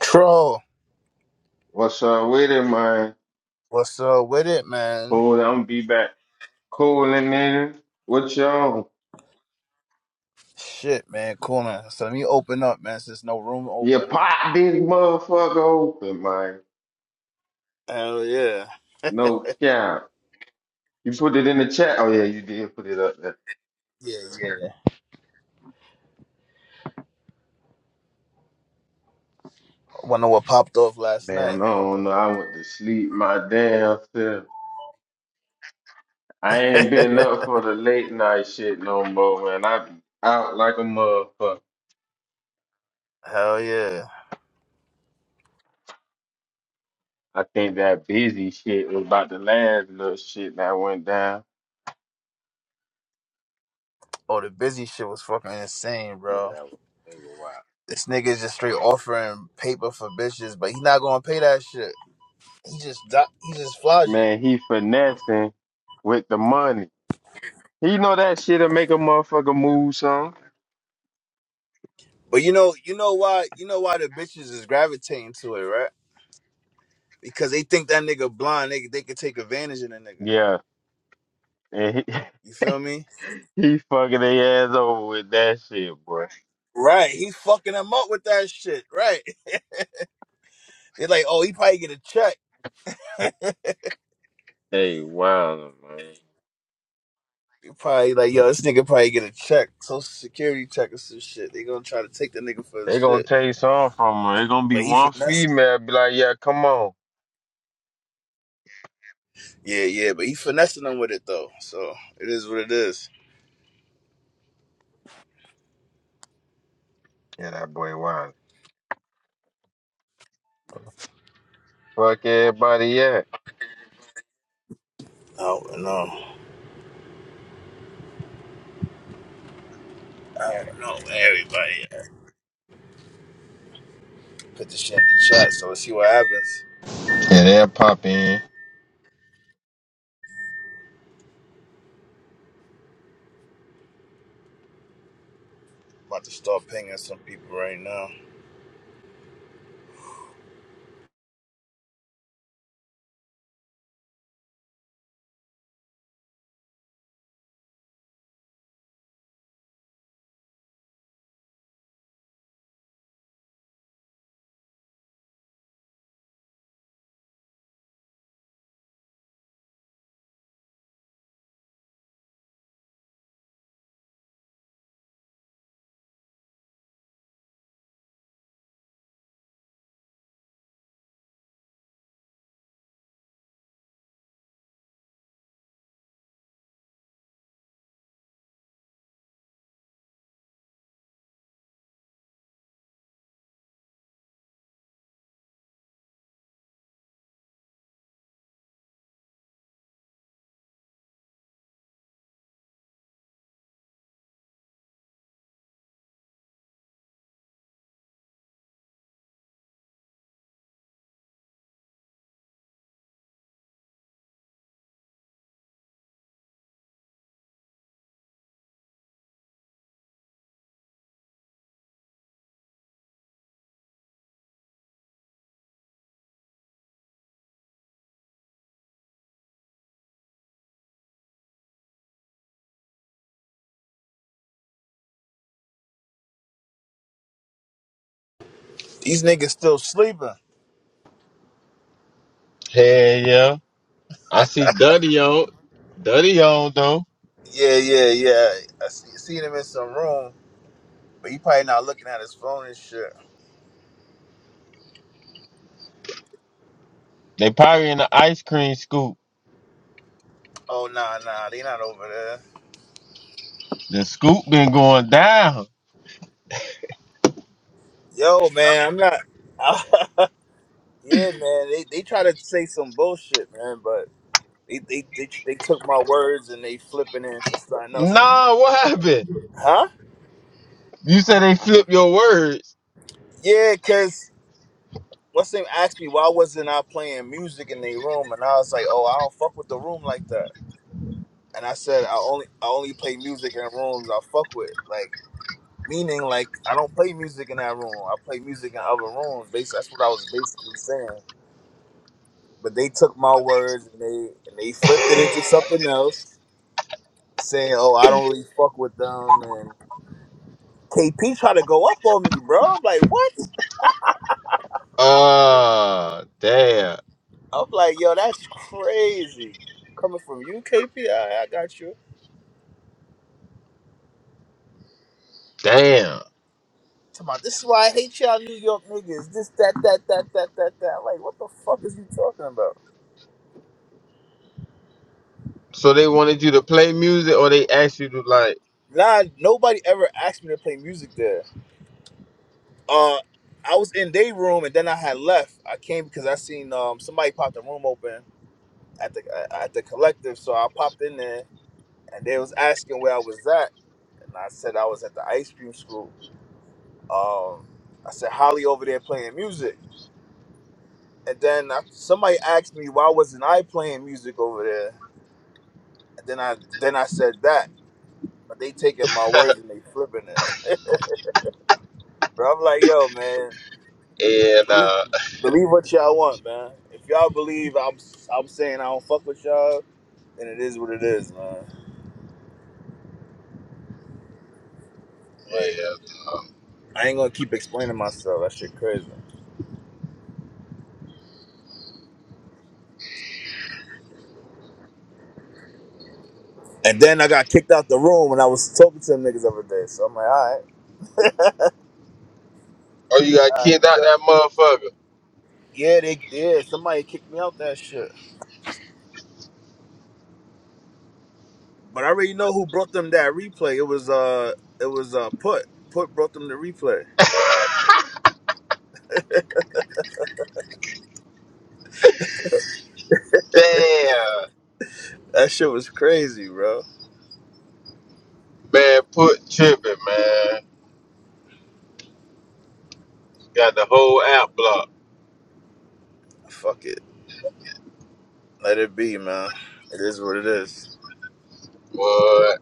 Troll, What's up with it, man? what's up with it, man? Cool, I'm be back. Cooling nigga. What y'all? Shit, man, cool, man. So let me open up, man, since no room You open. pop this motherfucker open, man. Hell yeah. No cap. You put it in the chat. Oh yeah, you did put it up there. Yeah, yeah. Wonder what popped off last night. Man, I don't know. I went to sleep my damn self. I ain't been up for the late night shit no more, man. I be out like a motherfucker. Hell yeah. I think that busy shit was about the last little shit that went down. Oh, the busy shit was fucking insane, Yeah, bro. that was they were wild. This nigga's just straight offering paper for bitches, but he not gonna pay that shit. He just do- he just flogging. Man, he finessing with the money. He know that shit'll make a motherfucker move some. But you know, you know why, you know why the bitches is gravitating to it, right? Because they think that nigga blind, they they could take advantage of the nigga. Yeah. And he, You feel me? he fucking their ass over with that shit, boy. Right, he fucking him up with that shit. Right, they're like, oh, he probably get a check. Hey, wow, man. They probably like, yo, this nigga probably get a check, social security check or some shit. They gonna try to take the nigga for his They gonna shit, take some from her. It gonna be but he one finessed. female be like, yeah, come on. Yeah, yeah, but he finessing them with it though. So it is what it is. Yeah, that boy wild. Fuck everybody up. I don't know. I don't know. Everybody put the shit in the chat, so let's see what happens. Yeah, they'll pop in. About to start pinging some people right now. These niggas still sleeping. Hell yeah. I see Duddy on. Duddy on though. Yeah, yeah, yeah. I see, seen him in some room, but he probably not looking at his phone and shit. They probably in the ice cream scoop. Oh nah nah, they not over there. The scoop been going down. Yo man, I'm not. yeah man, they they try to say some bullshit man, but they they they, they took my words and they flipping it into something else. Nah, what happened? Huh? You said they flipped your words. Yeah, cause what's name asked me why wasn't I playing music in their room, and I was like, oh, I don't fuck with the room like that. And I said I only I only play music in rooms I fuck with, like meaning like I don't play music in that room. I play music in other rooms. Basically, that's what I was basically saying. but they took my words and they and they flipped it into something else, saying, "Oh, I don't really fuck with them." And KP tried to go up on me, bro. I'm like, what? Ah, damn. I'm like, yo, that's crazy. Coming from you, KP, I, I got you. Damn. Talking about this is why I hate y'all New York niggas. This, that, that, that, that, that, that. Like, what the fuck is you talking about? So they wanted you to play music or they asked you to like Nah, nobody ever asked me to play music there. Uh, I was in their room and then I had left. I came because I seen um somebody pop the room open at the uh, at the collective. So I popped in there, and they was asking where I was at, and I said I was at the ice cream school. Um, I said Holly over there playing music, and then I, somebody asked me why wasn't I playing music over there, and then I then I said that, but they taking my words and they flipping it. but I'm like, yo, man, and believe uh believe what y'all want, man. If y'all believe I'm I'm saying I don't fuck with y'all, then it is what it is, man. Like, yeah. nah. I ain't gonna keep explaining myself. That shit crazy. And then I got kicked out the room when I was talking to them niggas every day. So I'm like, all right, or you got all right, kicked out yeah, that motherfucker. yeah, they did. Somebody kicked me out that shit. But I already know who brought them that replay. It was uh, it was uh, put put brought them the replay. Damn. That shit was crazy, bro. Man, put tripping, man. Got the whole app blocked. Fuck it, let it be, man. It is what it is. What?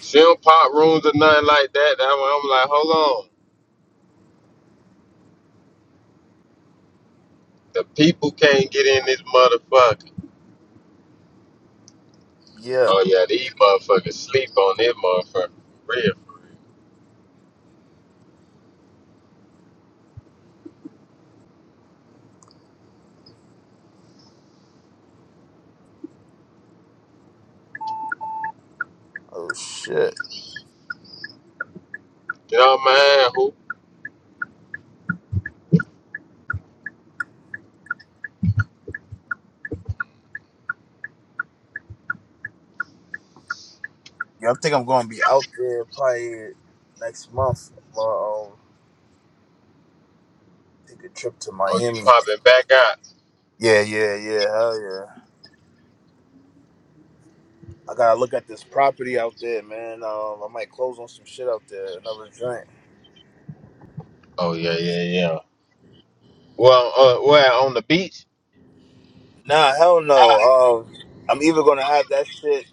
She don't pop rooms or nothing like that. That one I'm like, hold on. The people can't get in this motherfucker. Yeah. Oh yeah, these motherfuckers sleep on this motherfucker. Real. Oh shit. No man, who? Yeah, I think I'm gonna be out there probably next month. I'm gonna um, take a trip to Oh, you Miami. popping back out? Yeah, yeah, yeah. Hell yeah. I gotta look at this property out there, man. Um, I might close on some shit out there. Another joint. Oh yeah, yeah, yeah. Well, uh, well, on the beach. Nah, hell no. Um, I'm either gonna have that shit.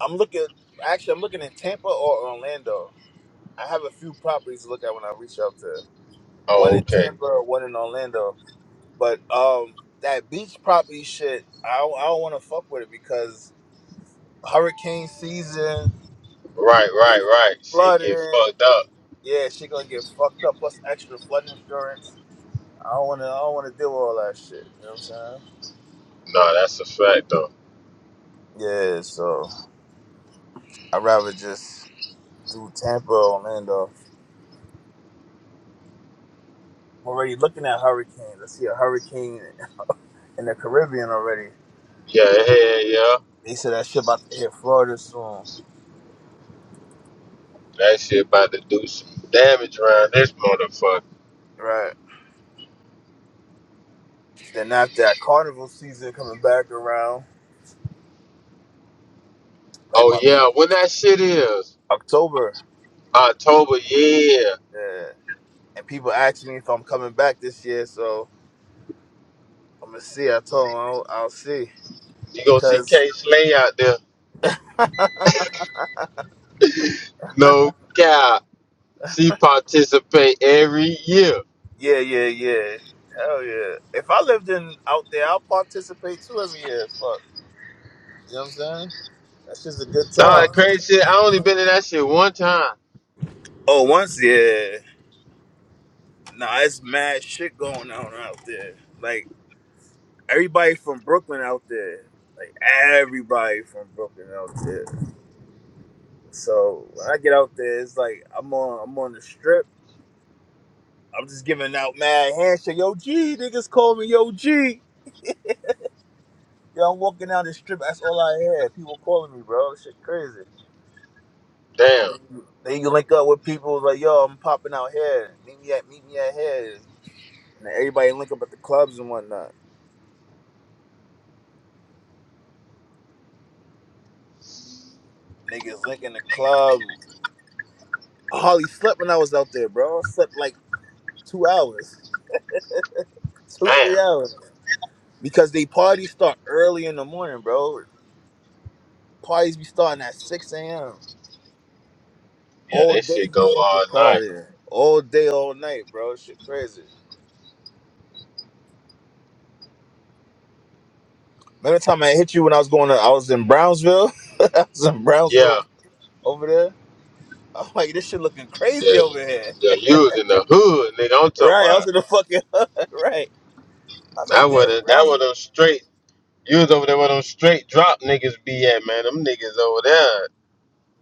I'm looking. Actually, I'm looking in Tampa or Orlando. I have a few properties to look at when I reach out there. One Oh, in okay. Tampa, one in Orlando. But um, that beach property shit, I don't, I don't want to fuck with it because hurricane season Right, and right, right. Shit get flooding. fucked up. Yeah, shit gonna get fucked up. Plus extra flood insurance. I don't wanna I don't wanna deal with all that shit. You know what I'm saying? Nah, that's a fact though. Yeah, so I'd rather just do Tampa, Orlando. I'm already looking at hurricanes. I see a hurricane in the Caribbean already. Yeah, yeah, yeah. They said that shit about to hit Florida soon. That shit about to do some damage around this motherfucker. Right. Then after that carnival season coming back around, like Oh my people yeah, when that shit is October. October, yeah, Yeah. And people asking me if I'm coming back this year, so I'm gonna see. I told them I'll, I'll see you gonna see because K Slay out there. No God, she participate every year. Yeah, yeah, yeah. Hell yeah. If I lived in out there, I'll participate too every year as fuck. You know what I'm saying? That's just a good Nah, crazy shit. I only been time. to that shit one time. Oh, once, yeah. Nah, it's mad shit going on out there. Like everybody from Brooklyn out there. Like everybody from Brooklyn out there. So when I get out there, it's like I'm on I'm on the strip. I'm just giving out mad handshake. Yo, G, niggas call me Yo G. Yo, I'm walking down the strip. That's all I had. People calling me, bro. This shit crazy. And Damn, then you, then you link up with people like, yo, I'm popping out here. Meet me at meet me at here. And then everybody link up at the clubs and whatnot. Niggas link in the club. I hardly slept when I was out there, bro. I slept like two hours, two damn. three hours, because they parties start early in the morning, bro. Parties be starting at six a.m. Yeah, All that day shit you go fucking all night. party, all day, all night, bro. Shit crazy. Remember time I hit you when I was going to, I was in Brownsville. I was in Yeah, Brownsville over there. I'm like, this shit looking yeah, crazy over here. yeah. You was in the hood, nigga. I'm talking Right. I was about in the fucking hood. Right. I was like, that was damn, that was Brownsville. them straight. You was over there where them straight drop niggas be at, man. Them niggas over there.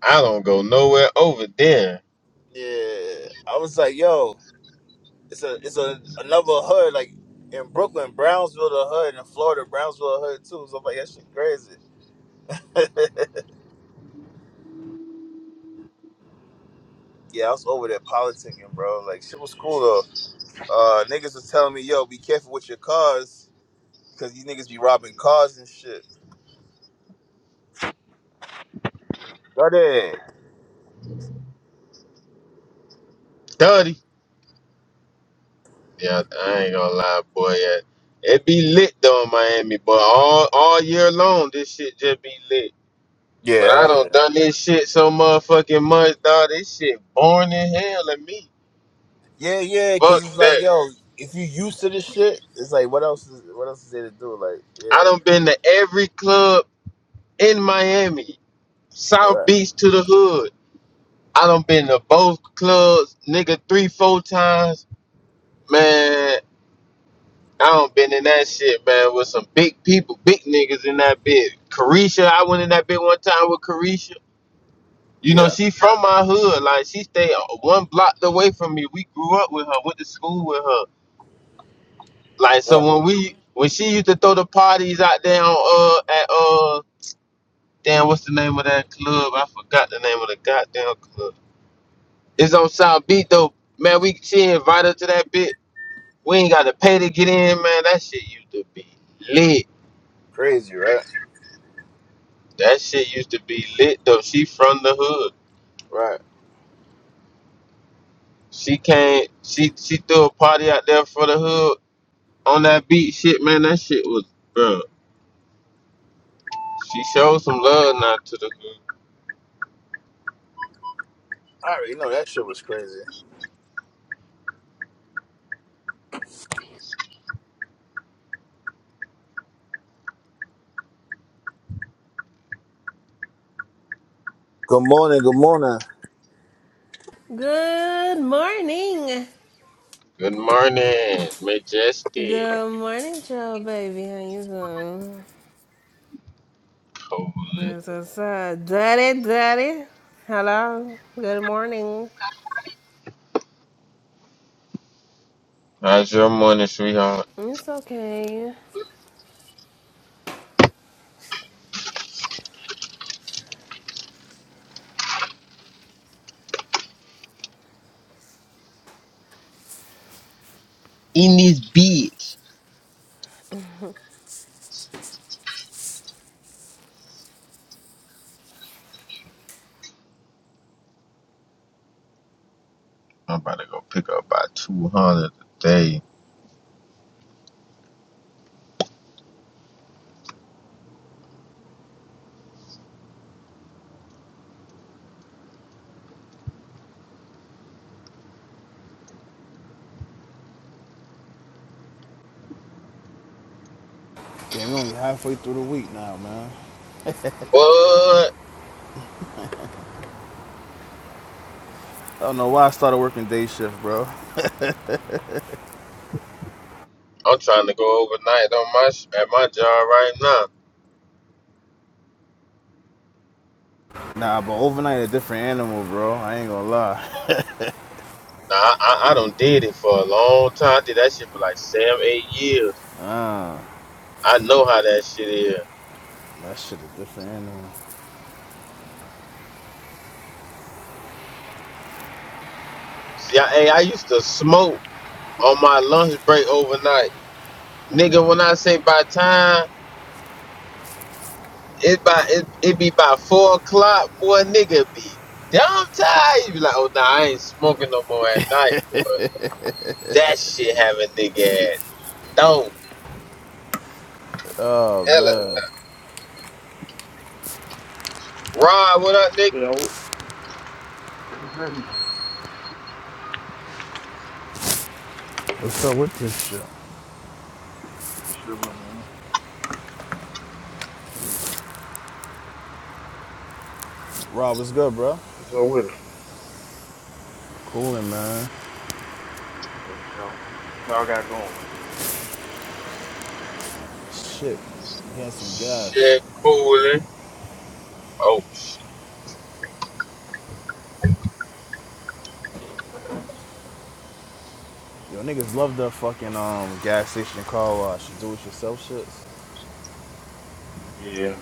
I don't go nowhere over there. Yeah. I was like, yo, it's a it's a another hood, like in Brooklyn, Brownsville the hood, and in Florida, Brownsville the hood too. So I'm like, that shit crazy. yeah, I was over there politicking, bro. Like shit was cool though. Uh niggas was telling me, yo, be careful with your cars, cause you niggas be robbing cars and shit. Right there. Thirty. Yeah, I ain't gonna lie, boy. Yeah. It be lit though in Miami, but all all year long this shit just be lit. But Yeah, I hell yeah. don't done this shit so motherfucking much, dog. This shit boring in hell in me. Yeah, yeah, Fuck because it's like, that. yo, if you used to this shit, it's like, what else is what else is there to do? Like, I done yeah, been to every club in Miami, South right, Beach to the hood. I done been to both clubs, nigga, three, four times. Man, I done been in that shit, man, with some big people, big niggas in that bit. Carisha, I went in that bit one time with Carisha. You know, yeah, she from my hood. Like, she stayed one block away from me. We grew up with her, went to school with her. Like, so right, when we, when she used to throw the parties out there on, uh, at, uh, damn, what's the name of that club? I forgot the name of the goddamn club. It's on South beat though. Man, we she invited to that bit. We ain't gotta pay to get in, man. That shit used to be lit. crazy, right, That shit used to be lit though. She from the hood. right. She came she she threw a party out there for the hood on that beat shit, man. That shit was bro. She showed some love now to the hood. I already know that shit was crazy. Good morning, good morning. Good morning. Good morning, majestic. Good morning, child baby. How you doing? Holy. It's what's up? Daddy, daddy. Hello. Good morning. How's your morning, sweetheart? It's okay. In this bitch. I'm about to go pick up about two hundred a day. Damn, we are only halfway through the week now, man. Boy, I don't know why I started working day shift, bro. I'm trying to go overnight on my sh- at my job right now. Nah, but overnight a different animal, bro. I ain't gonna lie. Now I, I I done did it for a long time. I did that shit for like seven, eight years. Ah, I know how that shit is. that shit a different animal. See, I, hey, I used to smoke on my lunch break overnight, nigga. When I say by time, it by it, it be by four o'clock, boy. Nigga be damn tired. You be like, oh nah, I ain't smoking no more at night, boy. That shit having nigga at don't Oh hella. man, Rod, what up, nigga? Yo, what's happening? what's up with this shit? Chilling, man. Rob, what's good, bro? What's up with it? Coolin', man. For sure. y'all got going? Shit, he had some gas. Shit, coolin'. Oh, shit. Yo, niggas love the fucking um gas station car wash, do it yourself shits. Yeah.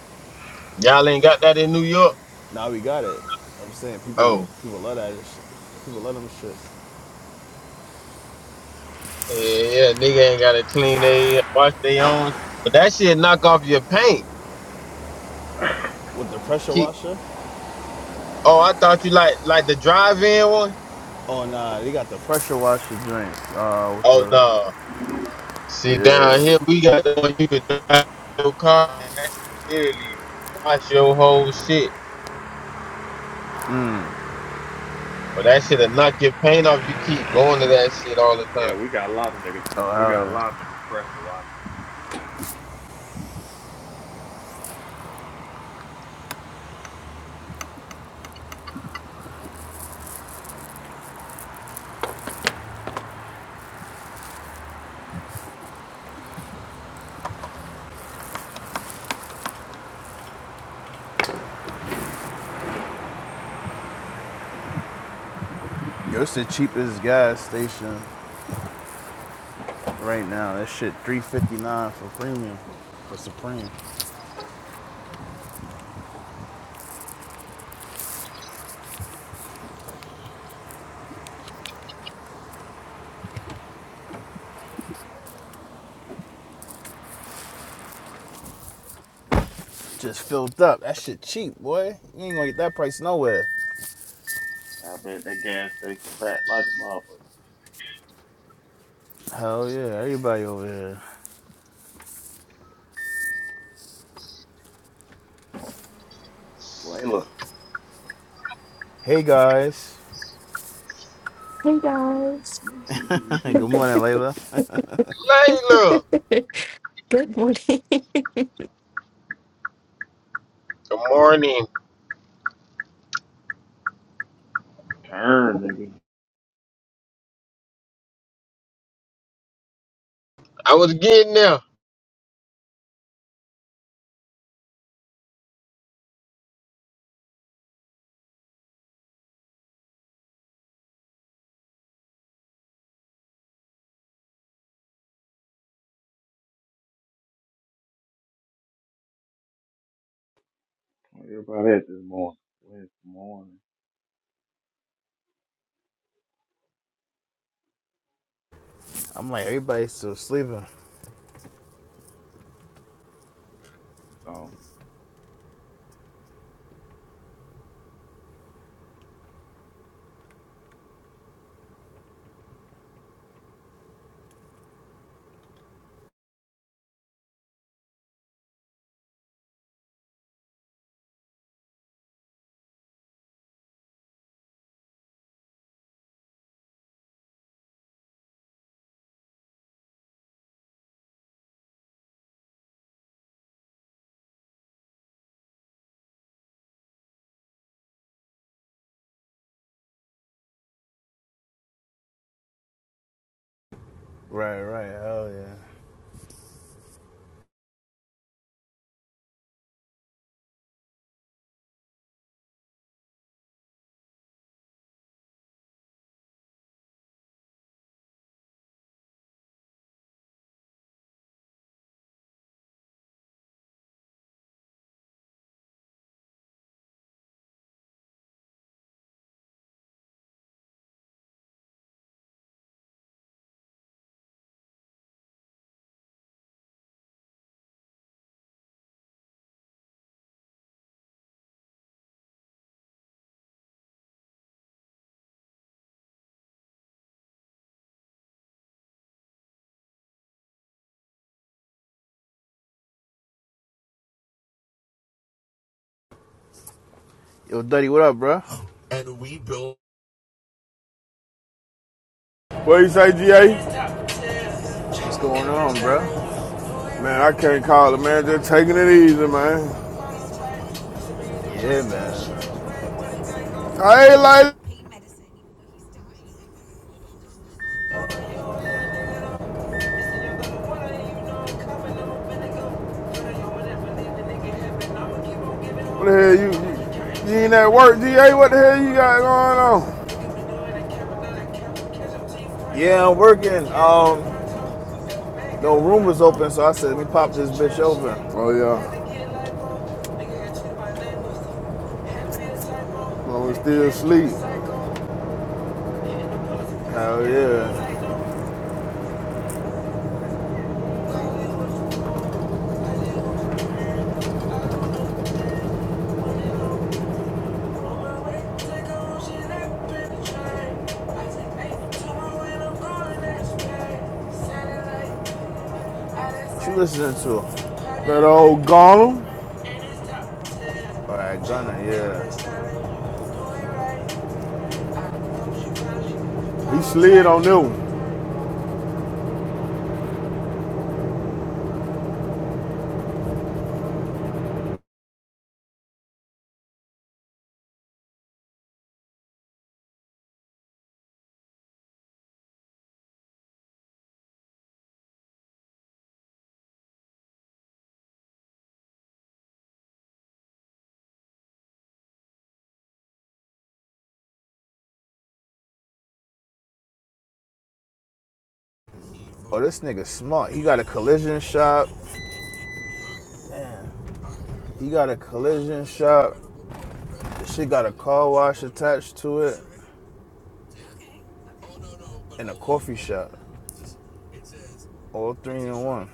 y'all ain't got that in New York. Now we got it. I'm saying people Oh, people love that shit. People love them shits. yeah, yeah, nigga ain't gotta clean they wash they own. But that shit knock off your paint. With the pressure Keep. washer? Oh, I thought you like like the drive-in one. Oh nah, they got the pressure washer drink. Uh with Oh the no. See down here Yeah. we got the one you can drive your car and that shit literally wash your whole shit. But that shit'll knock your paint off. You keep going to that shit all the time. yeah, we got a lot of niggas. Oh We hell got a lot of yeah. niggas pressure washing. Yo, it's the cheapest gas station right now. That shit three fifty nine for premium. For Supreme. Just filled up. That shit cheap, boy. You ain't gonna get that price nowhere. I bet that gas station packed like a motherfucker. Hell yeah, everybody over here. Layla. Hey guys. Hey guys. Good morning, Layla. Layla, Good morning. good morning. Turn, nigga. I was getting there. Everybody at this morning. This morning. I'm like, everybody's still sleeping. So. Right, right. Hell yeah. Yo, Duddy, what up, bro? What you say, GA? What's going on, bro? Man, I can't call it, man. Just taking it easy, man. Yeah, man. I ain't like What the hell you, you you ain't at work, DA? What the hell you got going on? Yeah, I'm working. Um, no room was open, so I said, let me pop this bitch over. Oh yeah, well we still sleep. Hell yeah. What you listening to? All That old Gollum, right, Gunna, yeah. he slid on that one. Oh, this nigga smart. He got a collision shop. Damn. He got a collision shop. She got a car wash attached to it and a coffee shop. All three in one.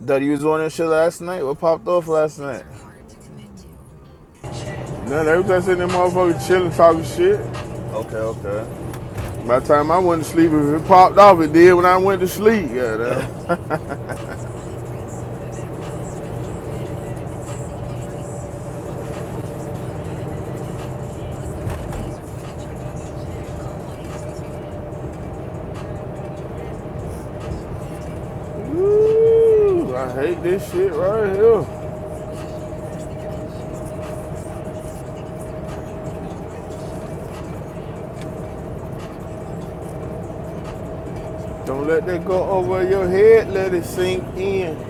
That you was on that shit last night? What popped off last night? Now they was just in there motherfucker chilling, talking shit. Okay, By the time I went to sleep, if it popped off, it did when I went to sleep. Goddamn. Ooh, I hate this shit right here. Don't let that go over your head. Let okay. it Oh sink shit. in.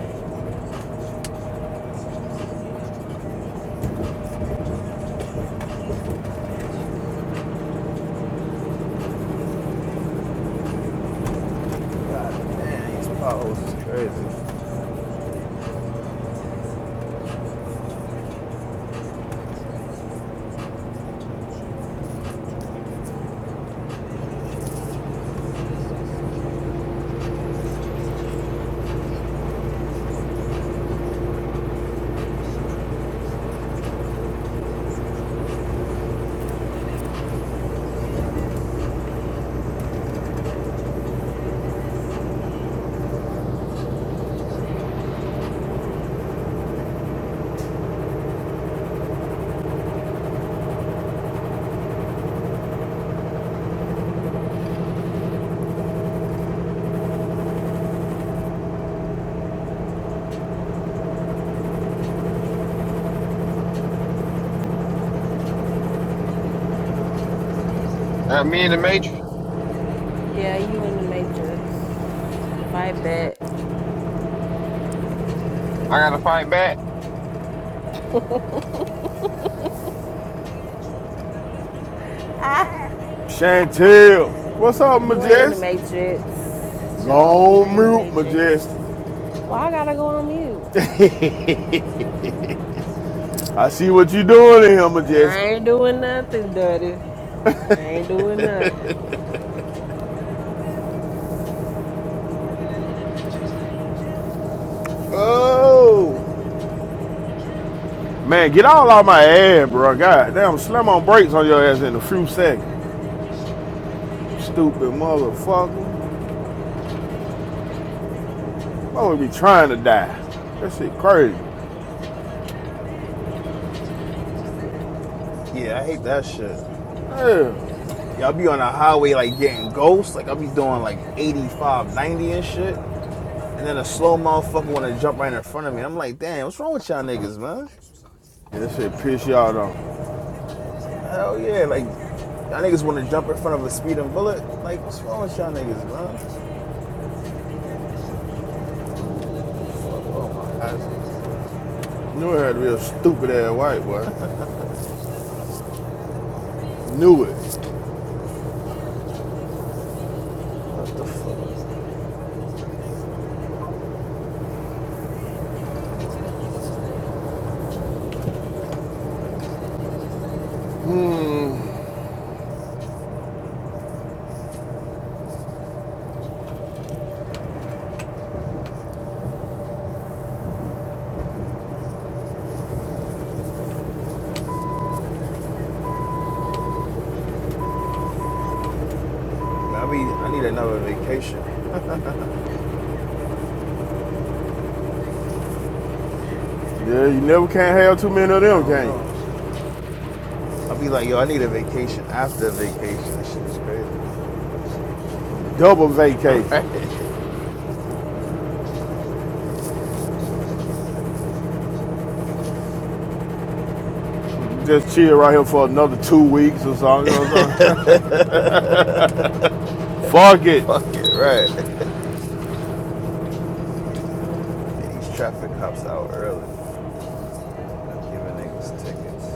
God damn, these potholes is crazy. Not me in the matrix. Yeah, you in the matrix. Fight back. I gotta fight back. Chantel, what's up, You ain't in the Majest? matrix. So you're Go not on in the mute, matrix. Majest. Why I gotta go on mute? Damn. I see what you doing in here, I Majest. ain't doing nothing, daddy. I ain't doing nothing. Oh, man, get all out my ass, bro. God damn, slam on brakes on your ass in a few seconds. Stupid motherfucker. I'm gonna be trying to die. That shit crazy. Yeah, I hate that shit. Yeah. Y'all be on the highway like getting ghosts. Like I'll be doing like 85, 90 and shit. And then a slow motherfucker want to jump right in front of me. I'm like, damn, what's wrong with y'all niggas, man? That shit piss y'all off. Hell yeah, like y'all niggas want to jump in front of a speeding bullet. Like, what's wrong with y'all niggas, man? What The fuck? Oh my hazards. Knew it had to be a stupid ass white boy. Knew it. What the fuck? Hmm. Man, I be I need another vacation. Yeah, you never can't have too many of them, Hell can no. you? I be like, yo, I need a vacation after a vacation. That shit is crazy. Double vacation. right. Just chill right here for another two weeks or so. You know what I'm saying? Fuck it. Fuck it, right. These traffic cops out early, giving niggas tickets.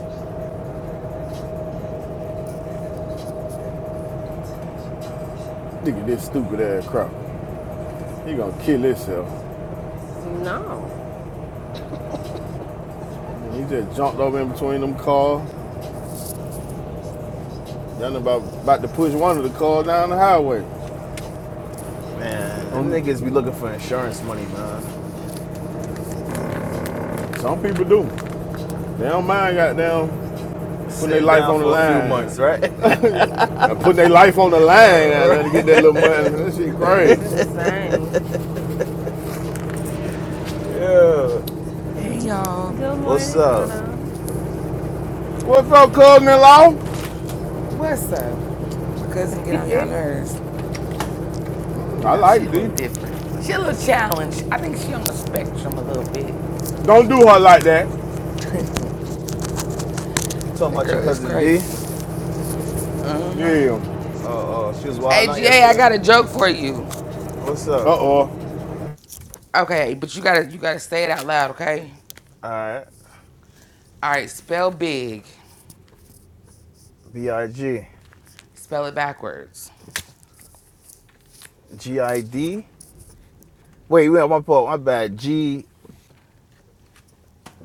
Nigga, this stupid ass crap. He gonna kill himself. No. He just jumped over in between them cars. Done about about to push one of the cars down the highway. Man, them Um, niggas be looking for insurance money, man. some people do. They don't mind goddamn putting their Sitting life down on the for a few months, right? line. and putting their life on the line out there to get that little money. That shit crazy. That's insane. yeah. Hey y'all, Good What's morning, up? Autumn. What's up, cousin-in-law? what's up? My cousin get on y'all nerves. You I know she a like little thee. different. She a little challenged. I think she on the spectrum a little bit. She Don't a do little her like different. that. You talking That about your girl is cousin D? crazy. Yeah. Uh, uh, she was Hey wilding out GA, I yesterday. got a joke for you. What's up? Uh-oh. Okay, but you gotta you gotta say it out loud, okay? All right. All right, spell big. B I G Spell it backwards, G I D. Wait, wait, my fault. My bad. G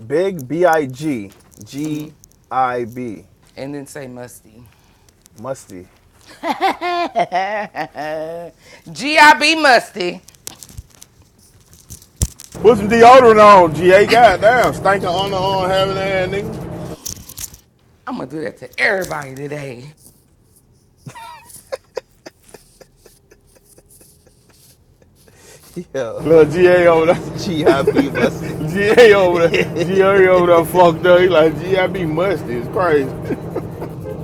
big B I G G I B and then say musty. musty. G I B musty. Put some deodorant on, GA. Goddamn, stinking underarm having that nigga. I'm gonna do that to everybody today. Yo, Little GA over G I B musty. there. GA over there. GA over there fucked up. He like, GA be musty. It's crazy.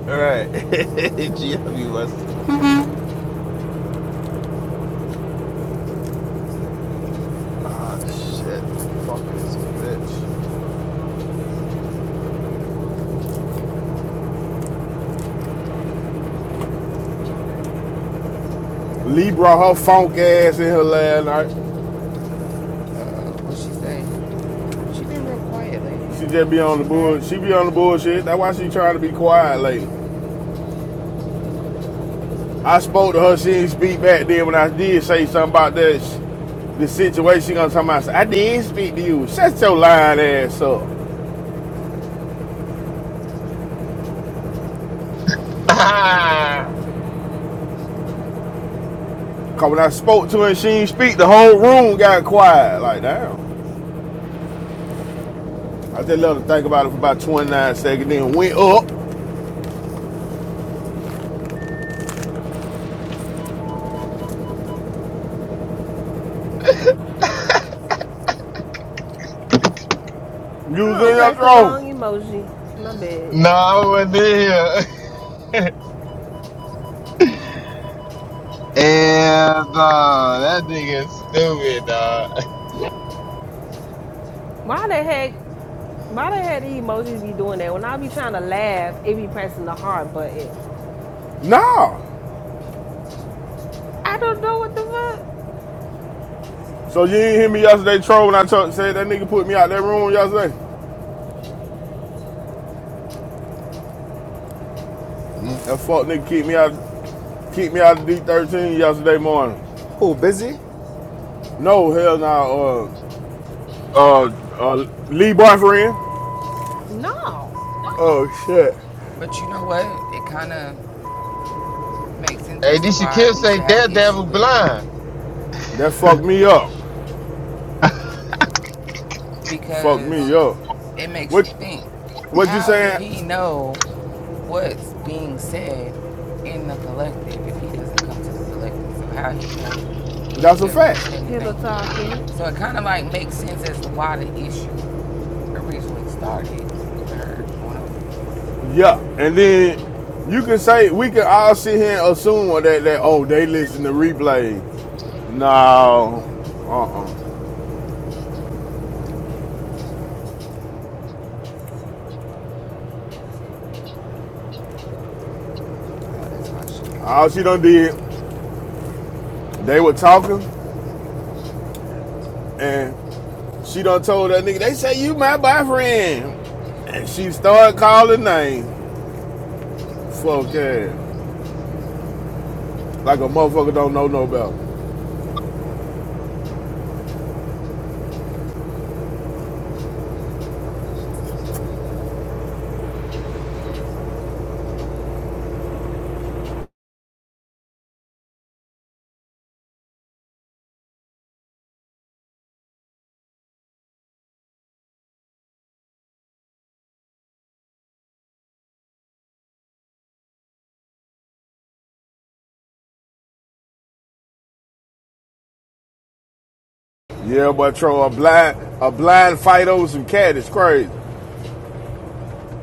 All right, GW Westy. Ah, shit. Parking is a bitch. Lee brought her funk ass in here last night. Uh oh, what she say? She been real quiet She lately. just be on She the mad, bullshit. She be on the bullshit. That's why she trying to be quiet lately. I spoke to her. She didn't speak back then when I did say something about that. sh- The situation she gonna talk about. I "I didn't speak to you. Shut your lying ass up. Cause when I spoke to her and she didn't speak, the whole room got quiet. Like, damn. I just let her think about it for about 29 seconds, then went up. You was oh, in your press the wrong throne. emoji. My bad. No, I wasn't here. And uh, that nigga is stupid, dog. Why the heck? Why the heck the emojis be doing that? When I be trying to laugh, it be pressing the heart button. Nah. I don't know what the fuck. So you didn't hear me yesterday, troll, when I told, said that nigga put me out that room yesterday? That fuck nigga keep me out keep me out of D13 yesterday morning. Who, busy? No, hell no. nah. Uh, uh, uh, Lee boyfriend, No. Oh, shit. but you know what? It kind of makes sense Hey, as to this why Shaquille say Nisha had an issue Daredevil with it blind. that fucked me up. Fucked me because up. it makes What you think. what you How do saying? he know what's being said in the collective if he doesn't come to the collective? So how he know That's you've a ever said fact. Pillow anything? talking. So it kind of like makes sense as to why the issue originally started with her going over there. Yeah, and then you can say we can all sit here and assume that that oh they listen to replays. No, uh-uh. Oh, that's why she All mad. she done did, they were talking, and she done told that nigga they say you my boyfriend, and she started calling names. Fuck yeah, like a motherfucker don't know no better. Yeah, but throw a blind a blind fight over some cat is crazy.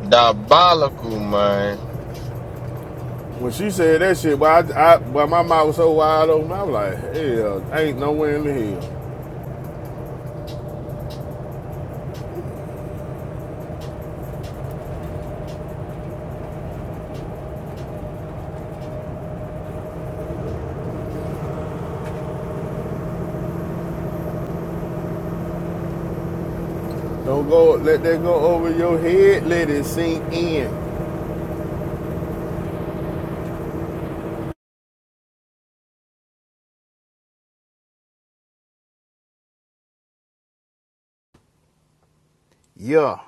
Diabolical, man. When she said that shit, but I, I but my mouth was so wide open, I was like, hell, ain't nowhere in the hell. Don't go, let that go over your head, let it sink in. Yeah.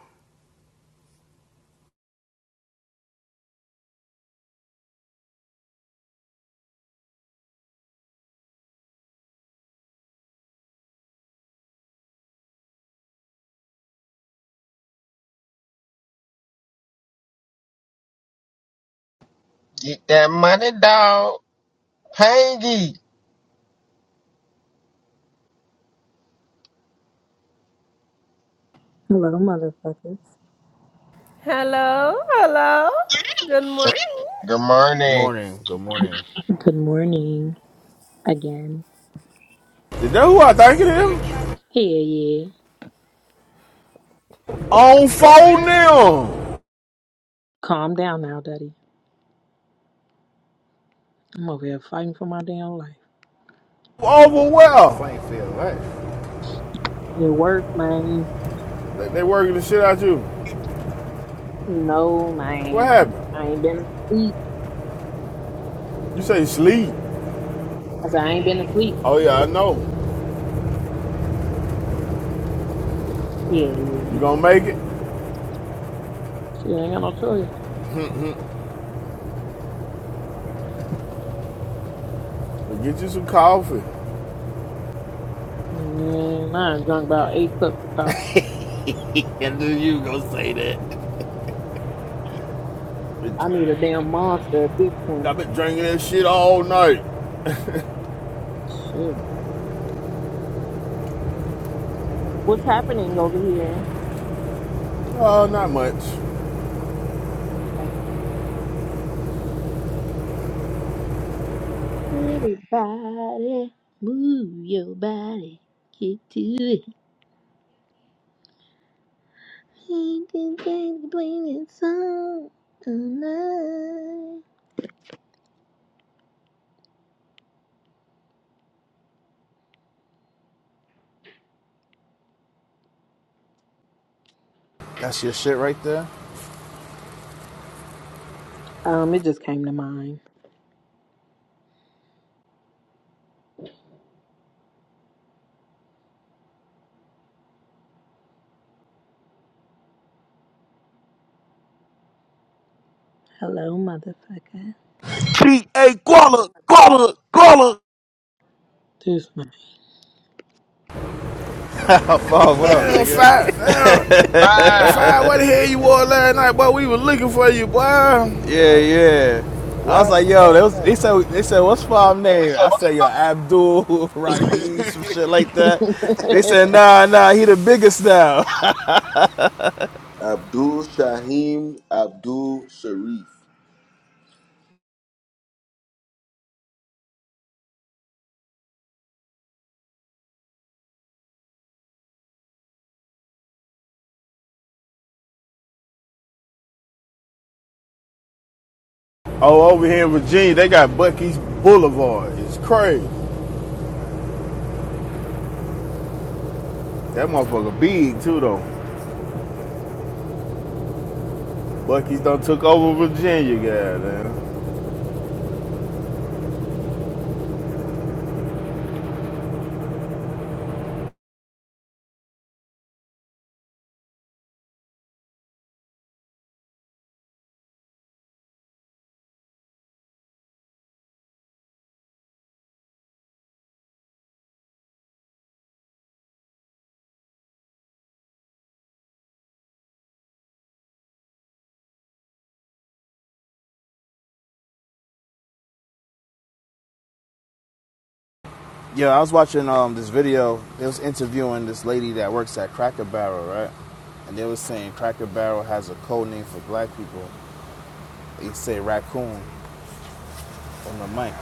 Get that money, dog. Pangy. Hello, motherfuckers. Hello, hello. Good morning. Good morning. Morning. Good morning. Good morning again. Is that who I think it is? Yeah, yeah. On phone now. Calm down now, Daddy. I'm over here fighting for my damn life. Over Fighting well. for your life. It work, man. They, they working the shit out you. No, What man. I happened? ain't been asleep, man. You say sleep. I said, I ain't been asleep. Oh yeah, I know. Yeah, You yeah. gonna make it? Shit, I ain't got no choice. Well, get you some coffee. Man, I done drunk about eight cups of coffee. and then you gonna say that. I need a damn monster at this point. I've been drinking that shit all night. Shit. What's happening over here? Oh, not much. Okay. Everybody, move your body. Get to it. so That's your shit right there? Um, it just came to mind. Hello, motherfucker. She a guala, guala, guala. This man. Five, what I up, ain't on nigga? fire now. Bye. Fire, what the hell you wore last night, boy? We was looking for you, boy. Yeah, yeah. I was like, yo, they, was, they said, they said, what's Five name? I said, yo, Abdul, Raheem, some shit like that. They said, nah, nah, he the biggest now. Oh, over here in Virginia, they got Bucky's Boulevard. It's crazy. That motherfucker big too, though. Bucky's done took over Virginia, goddamn. Yeah, I was watching um, this video. They was interviewing this lady that works at Cracker Barrel, right? And they was saying Cracker Barrel has a code name for black people. They say raccoon on the mic.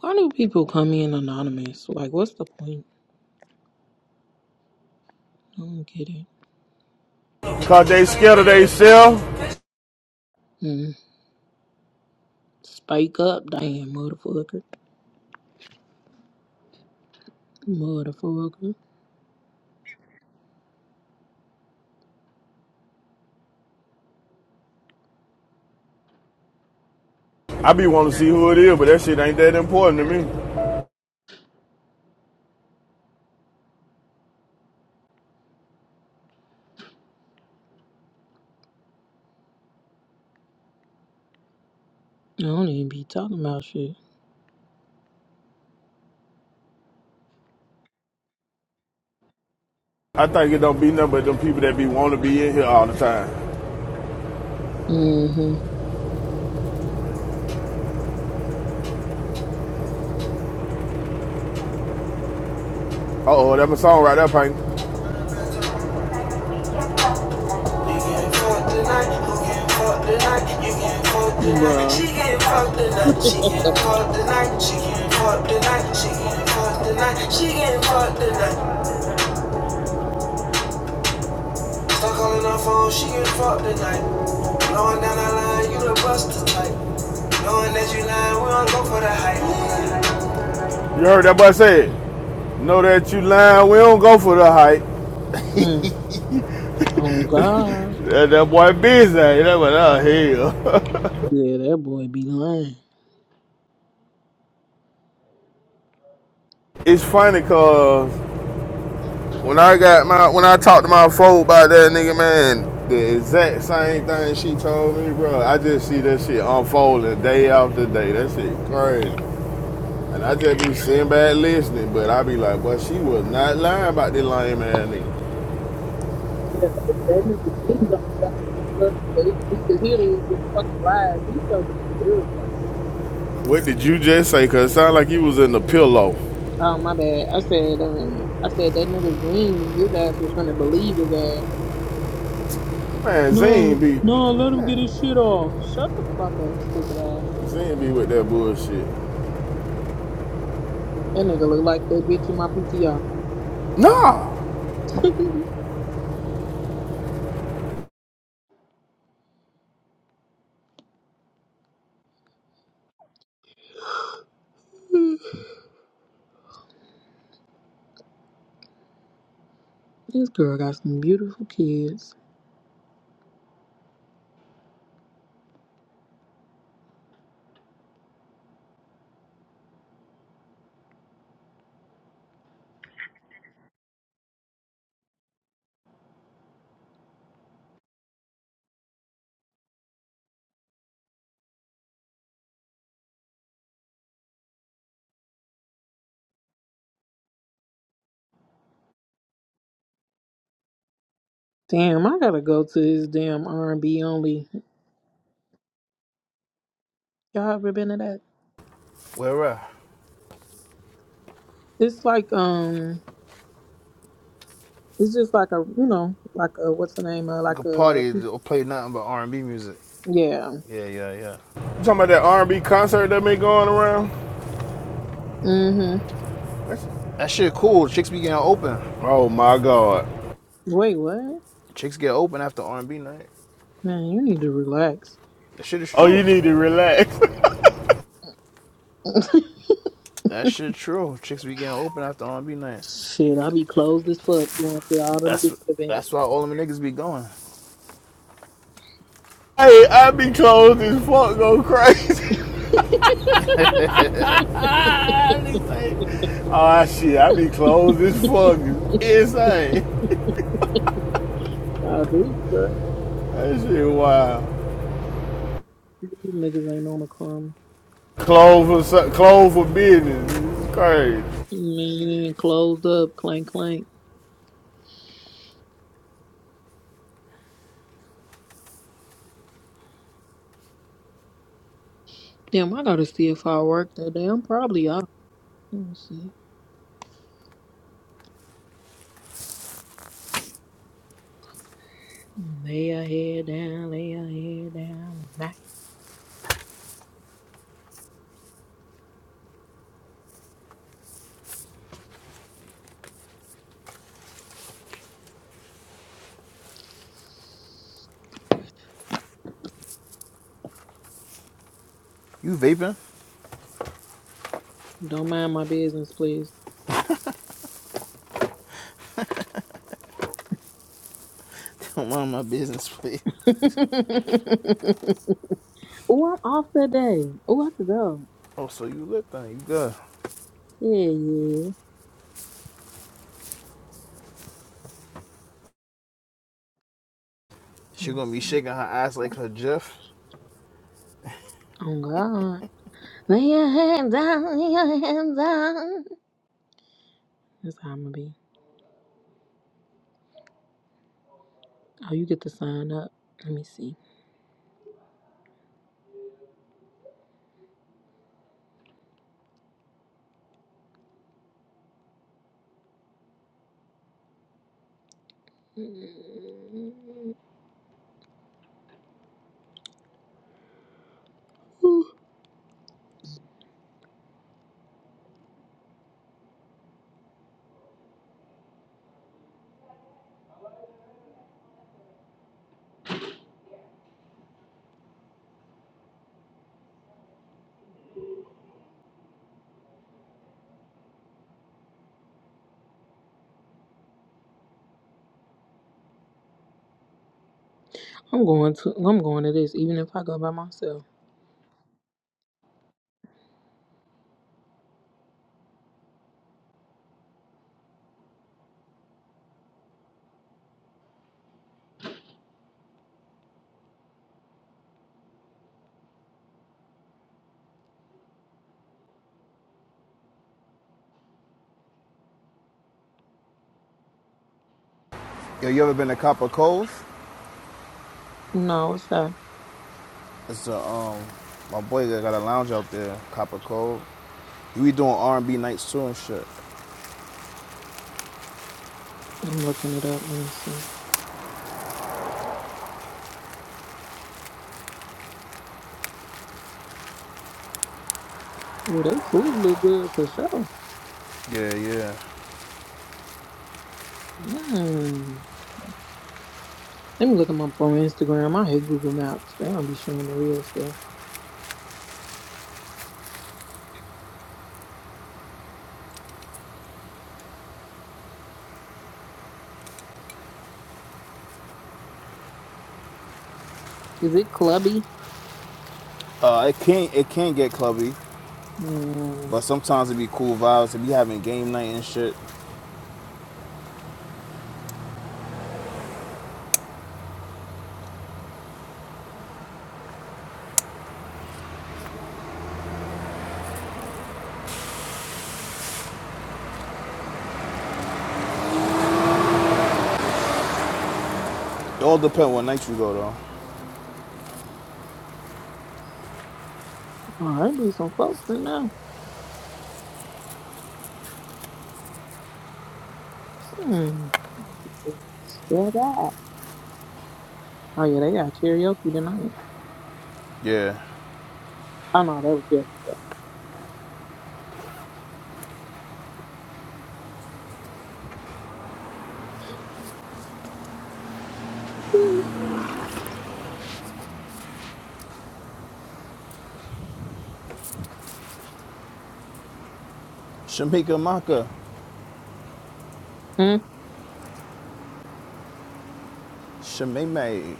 Why do people come in anonymous? Like, what's the point? I don't get it. Cause they scared of themselves. Mm. Spike up, damn, motherfucker. Motherfucker. I be wanting to see who it is, but that shit ain't that important to me. I don't even be talking about shit. I think it don't be nothing but them people that be want to be in here all the time. Mm-hmm. Uh oh, that my song right there, Pink. Bro. You heard that boy say it. Know that you lying, we don't go for the hype. Mm. Oh, God. That, that boy busy, that boy out hell. Yeah, that boy be lying. It's funny cause when I got my when I talked to my folk about that nigga man, the exact same thing she told me, bro. I just see that shit unfolding day after day. That shit crazy. And I just be sitting back listening, but I be like, but she was not lying about this lame ass nigga. Yeah, if that nigga Lane don't shut the fuck up, they, we could hear it with fucking lies. He's so damn irritating. What did you just say? Cause it sound like you was in the pillow. Oh my bad. I said um I said that nigga Zine, his ass was gonna believe his ass. Man, Zane No, be no, let him get his shit off. Shut the fuck up, stupid ass. Zane be with that bullshit. That nigga look like that bitch in my PTR. Nah. this girl got some beautiful kids. Damn, I gotta go to this damn R and B only. Y'all ever been to that? It's like um It's just like a, you know, like a what's the name? Uh, like a yeah. Yeah, yeah, yeah. You talking about that R&B concert that been going around? Mhm. That's- That shit cool. Chicks be getting open. oh my god. Wait, what? Chicks get open after R&B night. Man, you need to relax. That shit is Oh, true. you need to relax. That shit true. Chicks be getting open after R&B night. Shit, I be closed as fuck going to all the That's music that's events. why all them niggas be going. hey, I be closed as fuck, go crazy. I be saying, oh shit, I be closed as fuck, It's insane. I do, bro. That shit wild. These niggas ain't on a crumb. Closed for so- closed for business, it's crazy. Man, closed up, clank clank. Damn, I gotta see if I work today. I'm probably off. Let me see. Lay your head down, lay your head down tonight. You vaping? Don't mind my business, please. None of my business, please. Oh, I'm off that day. Oh, I could go. Oh, so you lit then? You good? Yeah, yeah. Let She me gonna be see. shaking her ass like her Jeff. Oh God. Lay your hands down, lay your hands down. That's how I'm gonna be. Oh, you get to sign up. Let me see. Ooh, I'm going to I'm going to this even if I go by myself. Yo, you ever been to Copper Cove? No, what's that? It's a um, my boy that got a lounge out there, Copper Cove. We doing R and B nights too and shit. I'm looking it up. Let me see. Well, they food look good for sure. Yeah, yeah. Mm. Let me look them up on Instagram. I hate Google Maps. They don't be showing the real stuff. Is it clubby? Uh, it can it can get clubby, Mm. but sometimes it be cool vibes. If you having game night and shit, it all depends what night you go though. Oh, there be some folks in there. Hmm. are back. Oh yeah, they got karaoke tonight. Yeah. Oh no, that was yesterday. Shamika Maka, Hmm. Shamime,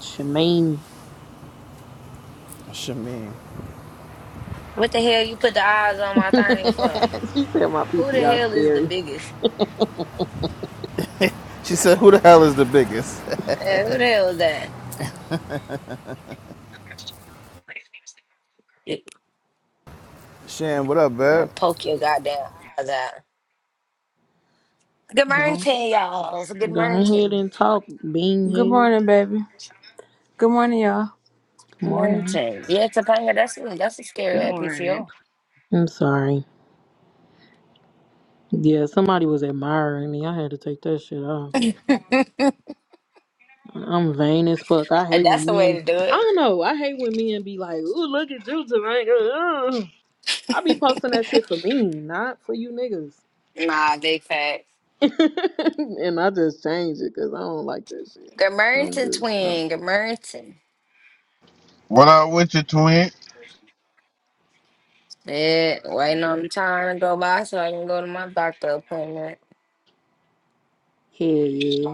Shemaine. Shamim. What the hell you put the eyes on my thing for? she said my Who the PTR hell is the scary. biggest? She said, "Who the hell is the biggest?" Eh, who the hell is that? Shan, what up, I'm babe? gonna poke your goddamn eyes out. Good morning, Go, y'all. Good go ahead morning. and talk, being Good head. morning, baby. Good morning, y'all. Good Good morning. morning. Yeah, Topanga, that's a, that's a scary Good ass morning. PCO. I'm sorry. Yeah, somebody was admiring me. I had to take that shit off. and I'm vain as fuck. I hate when that's the way men. to do I it. don't know. I hate when men be like, "Ooh, look at you tonight." Ugh. I be posting that shit for me, not for you niggas. Nah, big fact. and I just changed it because I don't like that shit. Good morning, I'm just, um, twin. Good morning. What up with you, twin? Yeah, waiting on the time to go by so I can go to my doctor appointment. hell yeah.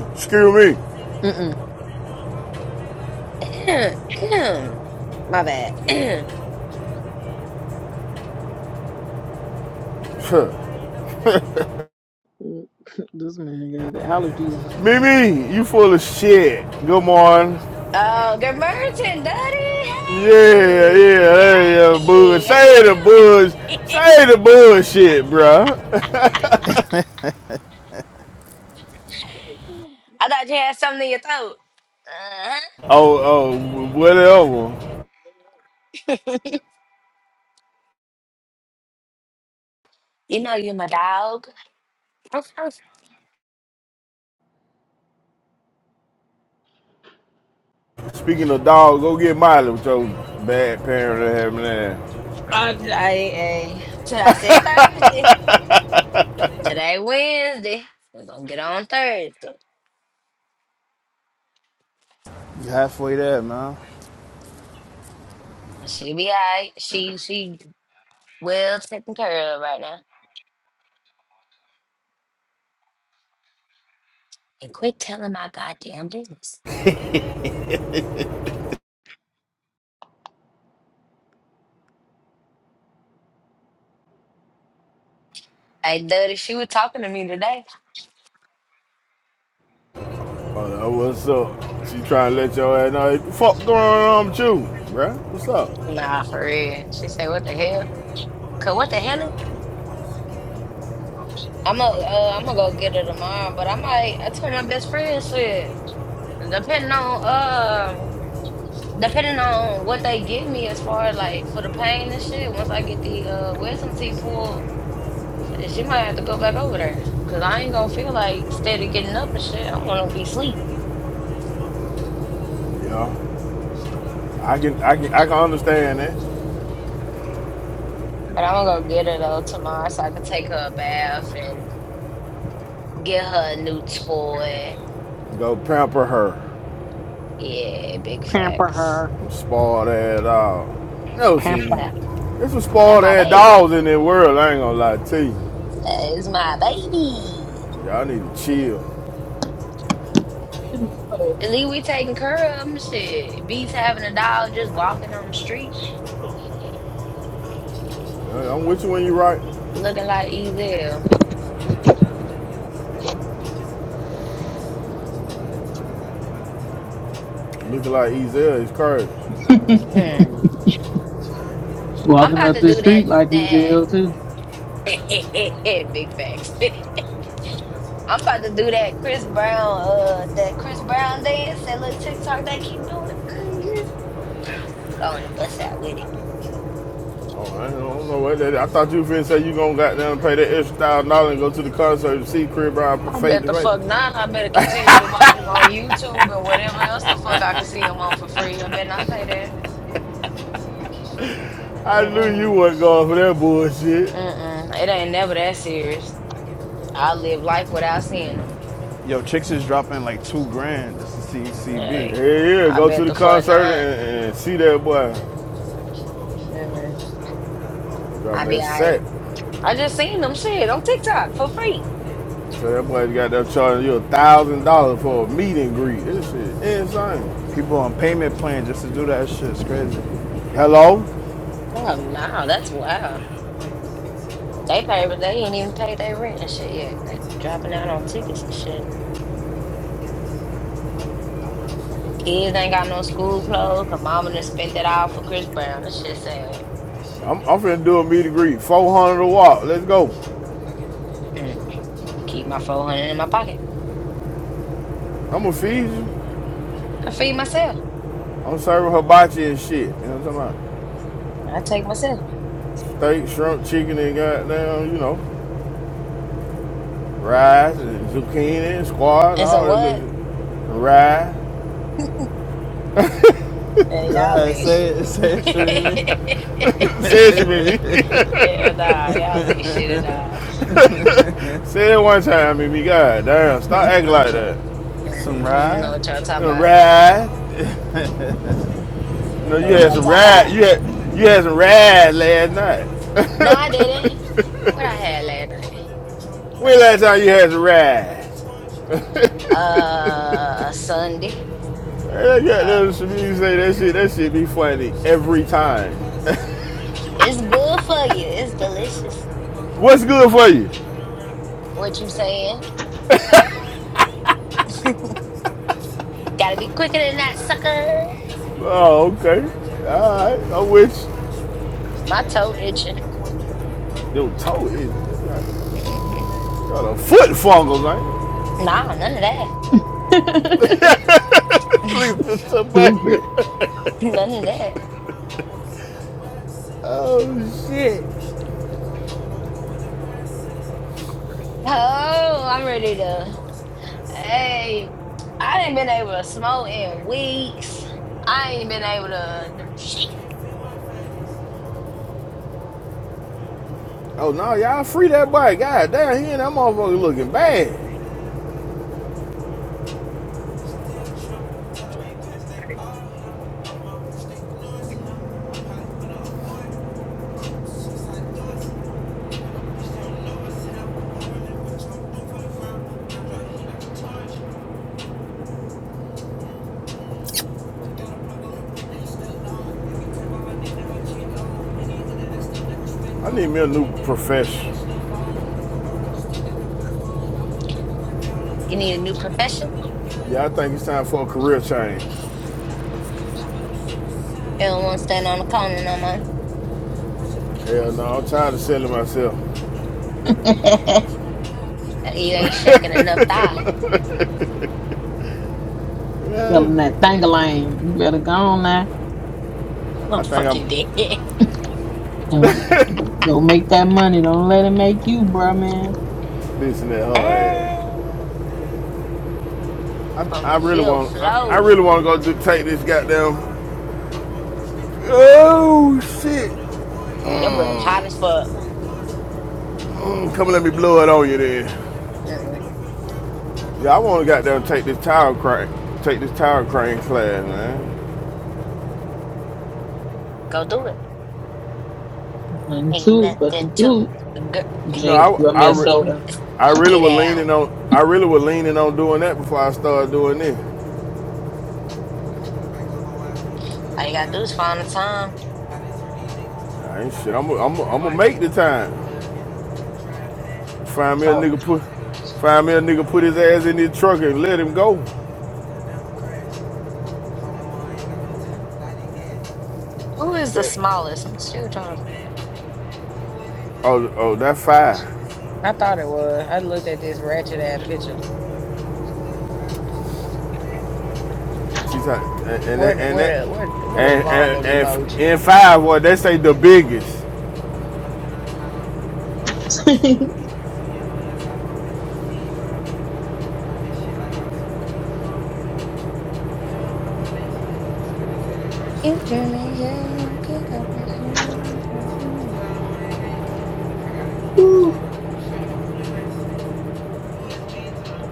Excuse Mm-mm. My bad. me, This man got the allergies or something. Mimi, you full of shit. Good morning. Oh, good morning, Daddy. Yeah, yeah, Hey, yeah, yeah, bud. hey, how you Say the doing? buzz, say the bullshit, bruh. I thought you had something in your throat. Uh-huh. oh, oh, whatever. You know you're my dog. Speaking of dogs, go get Miley with your bad parents that having there. I, I, I, so I said Thursday. Today Wednesday. We're gonna get on Thursday. You halfway there, man. She be alright. She she well taken care of right now. And quit telling my goddamn business. Hey, Duddy, she was talking to me today. Oh, what's up? She trying to let your ass know hey, the fuck going on with you, bruh? What's up? Nah, for real. She said, "What the hell? Cause what the hell? I'm going uh, I'm gonna go get her tomorrow, but I might. I told my best friend shit. Depending on uh, depending on what they give me as far as like for the pain and shit. Once I get the uh wisdom teeth pulled, shit, she might have to go back over there. Cause I ain't gonna feel like instead of getting up and shit. I'm gonna be sleep. You know, I can I can I can understand that. But I'm gonna go get her though tomorrow, so I could take her a bath and get her a new toy. Go pamper her, Yeah, big Pamper facts. her. spoiled ass dog. Never seen Pamper. That it. There's some that spoiled my ass baby. dogs in this world. I ain't gonna lie to you. That is my baby. Y'all need to chill. It was cold. At least we taking care of him. Shit, Beats having a dog just walking on the street, I- I'm with you when you right. looking like Ezel. Looking like Ezel is crazy. Hmm. I'm Walking about up to the do that. street like he's ill too. That big facts. I'm about to do that Chris Brown. Uh, that Chris Brown dance. That little TikTok they keep doing. hmm Going to bust out with it. Oh, I don't know what that. I thought you finna say you gonna goddamn pay that extra thousand dollars and go to the concert and see Crib Brown I face bet to the fuck face. not. I better continue to watch him on YouTube and whatever else the fuck I can see him on for free. I bet not pay that. I knew you Mm-mm. wasn't going for that bullshit. Mm-mm. It ain't never that serious. I live life without seeing them. Yo, chicks is dropping like two grand just to see Yeah, CB. Hey, yeah, I go to bet the the fuck concert not. and, and see that boy. Mm-mm. I Drop be that I. sack. I just seen them shit on TikTok for free. So that boy got that charging you a thousand dollars for a meet and greet. This shit insane. People on payment plan just to do that shit. It's crazy. Hello, Oh no, that's wow. They pay, but they ain't even paid their rent and shit yet. They dropping out on tickets and shit. Kids ain't got no school clothes. Cause mama done spent it all for Chris Brown. This shit sad. I'm, I'm finna do a meet and greet. Four hundred a walk. Let's go. Hmm. Keep my four hundred in my pocket. I'm gonna feed you. I feed myself. I'm serving hibachi and shit. You know what I'm talking I take myself. about? Steak, shrimp, chicken, and goddamn, you know. Rice and zucchini and squash, And some all that good what? shit. Rice. And Go y'all ahead, ain't say it. shit. Say it, shit me. Say it, you Mimi. Yeah, nah, y'all ain't shit at all. Say it one time, Mimi. God damn, stop acting like that. Some Mm-hmm. You know ride. what y'all talking Some about. rice. You No, know you what had y'all Oh some talking shit. about. rice. You had you had some rice last No, I night. didn't. What I had last night. What I when last had time last you night. had some rice? Uh, Sunday. Man, That Uh, goddamn Shamimi say that shit. That shit be funny every time. it's good for you. It's delicious. What's good for you? What you saying? Gotta be quicker than that, sucker. Oh, okay. All right. I'm with My toe itching. you. Your toe is Mm-hmm. got a foot fungus, man. Nah, none of that. Please, it's somebody. Stupid. None of that. oh shit. Oh, I'm ready to. Hey, I ain't been able to smoke in weeks. I ain't been able to. Oh no, y'all free that boy. God damn, he and that motherfucker looking bad. I need me a new profession. You need a new profession? Yeah, I think it's time for a career change. You don't want to stand on the corner no more. Hell no, I'm tired of selling myself. You ain't shaking enough thigh. Yeah. Selling that thing You better go on now. I'm I think I'm fucking dead. and go make that money. Don't let it make you, bruh, man. bitching that whole ass. Eh, From I, I the really field want I, I flow. really want to go do take this goddamn Oh shit. Your breath hot as Mm, fuck. mm, come and let me blow it on you then. Mm-mm. Yeah, I want to goddamn take this tower crane, take this tower crane class, man. Go do it. And Ain't two, but the nothing to dude, get, You know, Jink, I you owe me I, a re- soda. I get, really get was leaning out. on I really was leaning on doing that before I started doing this. All you gotta do is find the time. I ain't shit. I'm i I'm i am I'm gonna make the time. Find me a Oh. nigga put find me a nigga put his ass in his truck and let him go. Who is the Tap. smallest? I'm still trying to Oh oh that five. I thought it was. I looked at this ratchet ass picture. She's like and and that Where the and where that the where, where the and and, vomit and, emoji? and five boy they say the biggest. If the you can go back home. Whew.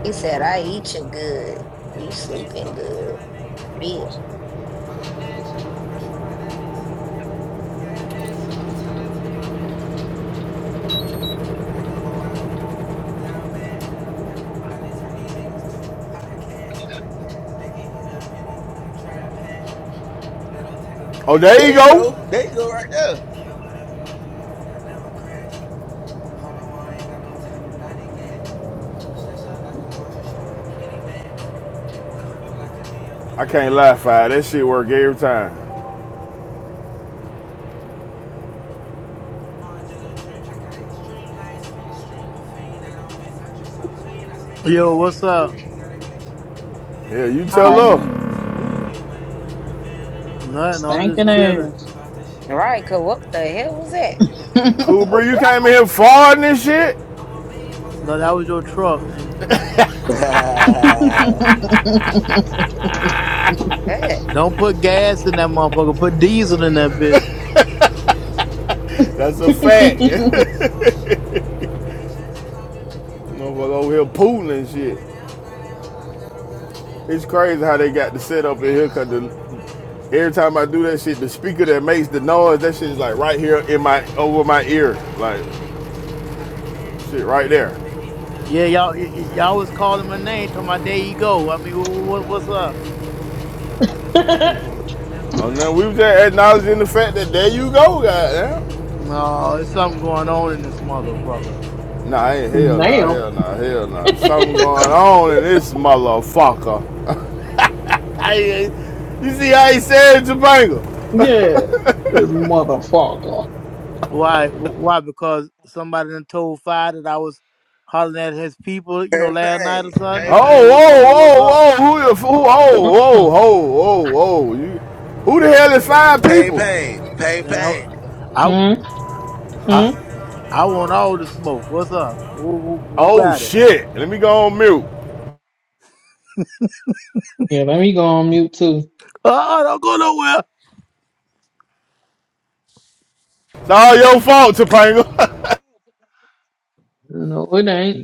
He said, "I eat you good. You sleeping good." Yeah. Oh there you go. I can't lie five. That shit work every time. Yo, what's up? Yeah you Hi. tell her. Nothing. I'm Stinking just chilling. ass. Right? Cause what the hell was that? Cool bro you came in here farting and shit. No, that was your truck. Nigga. Yeah. Don't put gas in that motherfucker. Put diesel in that bitch. That's a fact. Motherfucker over here pooling and shit. It's crazy how they got the setup in here because the, every time I do that shit, the speaker that makes the noise, that shit is like right here in my over my ear, like shit right there. Yeah, y'all, y- y- y'all was calling my name. Talking my there you go. I mean, what, what's up? And then we was just acknowledging the fact that there you go, goddamn. No, it's something going on in this motherfucker. Nah, ain't hell, nah, Now. hell, nah, hell, nah. There's something going on in this motherfucker. I ain't, you see how he said Topanga? yeah. This motherfucker. Why? Wh- Why? Because somebody done told Fi that I was hollering at his people. You know, last night or something. I mean, Oh, wh- I oh, mean, what's oh, up? oh, who the, f- who, oh, Mm-mm. oh, oh, oh, whoa. You, who the hell is five people? Nigga, I, I, Mm-mm. I, Yeah, I want all the smoke. What's up? Who, who, who Oh got it? shit! Let me go on mute. let me go on mute too. Oh, don't go nowhere. It's all your fault, Topanga. No, it ain't.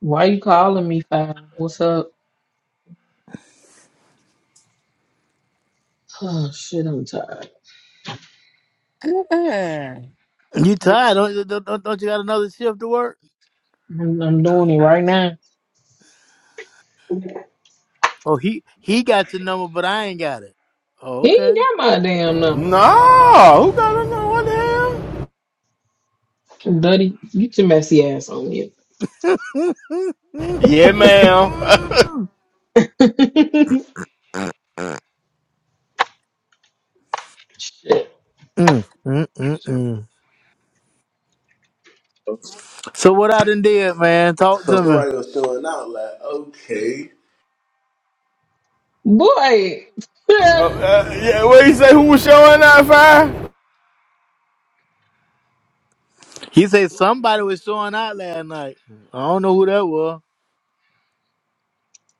Why you calling me, fam? What's up? Oh shit, I'm tired. Mm-mm. You Right. tired? Don't, don't, don't don't you got another shift to work? I'm, I'm doing it right now. Oh, he he got your number, but I ain't got it. Oh, He okay. ain't got my damn number. nah, who got another What the hell? Duddy, you too messy ass on here. Yeah, ma'am. uh, shit. Mm-mm-mm. so what I done did, man? Talk to me. Boy. uh, yeah, what you say? Who was showing out fire? He said somebody was showing out last night. I don't know who that was.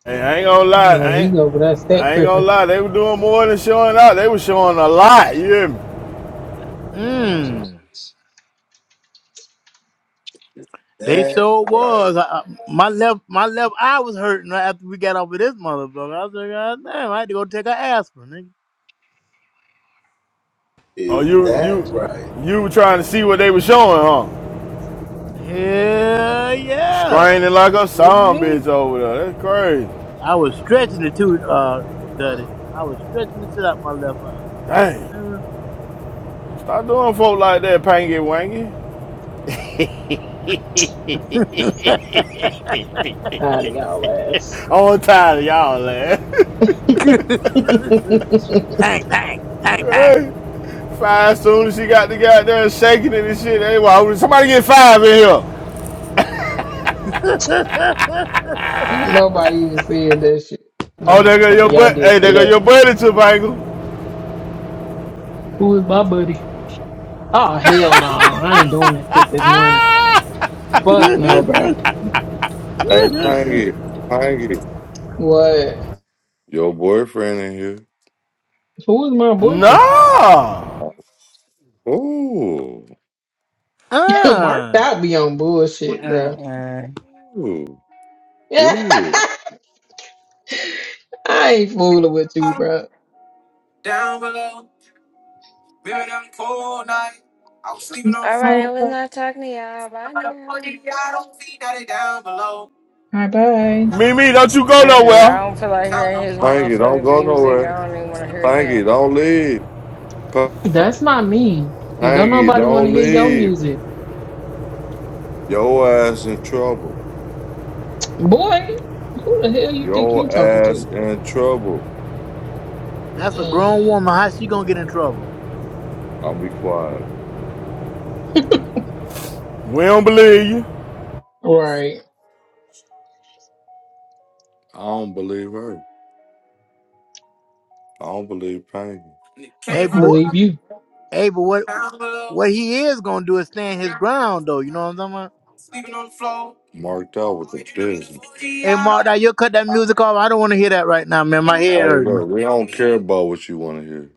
Hey, I ain't gonna lie. yeah, I he ain't, over that stat I ain't gonna tripping. lie. They were doing more than showing out. They were showing a lot. You hear me? Mm, they sure was. I, I- my left my left eye was hurting right after we got off of this motherfucker. I was like, God damn, I had to go take an aspirin. Oh, you, you, you were trying to see what they were showing, huh? Hell yeah. Screaming like a Send zombie bitch me. over there. That's crazy. I was stretching the tooth, uh, Duddy. I was stretching the shit out my left eye. I, Dang. Stop doing folk like that, Pangy Wangy. uh, Tired of y'all ass. I'm tired of y'all, man. ain't pang, pang, pang, pang. five soon as she got the goddamn shaking it and shit. Hey, why would somebody get five in here? nobody even said that shit. Nah, Oh, I'm there just go your playing. Y'all butt. did Hey, say there go that. your buddy too, Bangle. Who is my buddy? Oh hell no, I ain't doing that shit this morning. Fuck no, bro. Hey, Pangy, Pangy, What? your boyfriend in here. Who is my boyfriend? Nah. Ooh, Mark uh, out be on bullshit, bro. Mm-mm. ooh, ooh. I ain't fooling with you, bro. You see what All you right, I doing, was not talking to y'all. Bye now. Bye bye. Mimi, don't you go Mm-mm, I nowhere. don't feel like hearing his Pangy, don't motherfucking go music. nowhere. I don't even want to hear Pangy, him. don't leave. That's not me. And don't Pangy, nobody want to don't hear your leave. music. Your ass in trouble. Boy, who the hell you think you Your talking ass to? in trouble. that's a grown woman. How she gonna get in trouble? I'm be quiet. We don't believe you. right. I don't believe her. I don't believe Pangy. I Hey, don't but what? believe you. Hey, but what? What he is gonna do is stand his ground, though. You know what I'm talking about? Marked out with the business. Hey, Mark, now Hey, you cut that music off. I don't want to hear that right now, man. My head hurting. look, we don't care about what you want to hear.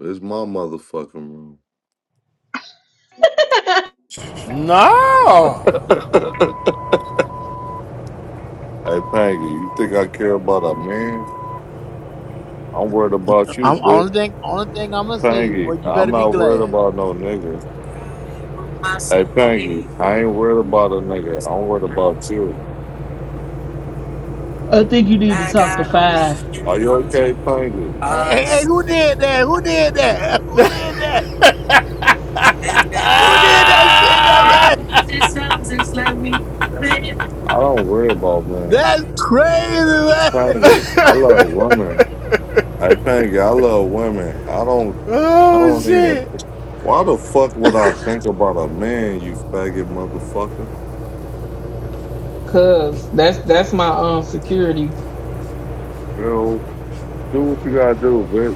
It's my motherfucking Nah. room. Hey, Pangy, you think I care about a man? I'm worried about you, I'm bitch. only thing, only thing I'm gonna say, boy, Pangy, you I'm better be not worried glad. about no nigga. Hey, Pangy, I ain't worried about a nigga. I'm worried about you. I think you need to talk to five. Are you okay, Pangy? Hey, hey, hey, who did that? Who did that? Who did that? Who did that shit, that man? I don't worry about men. That's crazy, man. Pangy, I love women. Hey, Pangy, I love women. I don't. I Oh don't even. shit. Why the fuck would I think about a man, you faggot motherfucker? Cause that's that's my um security. Well, do what you gotta do, bitch.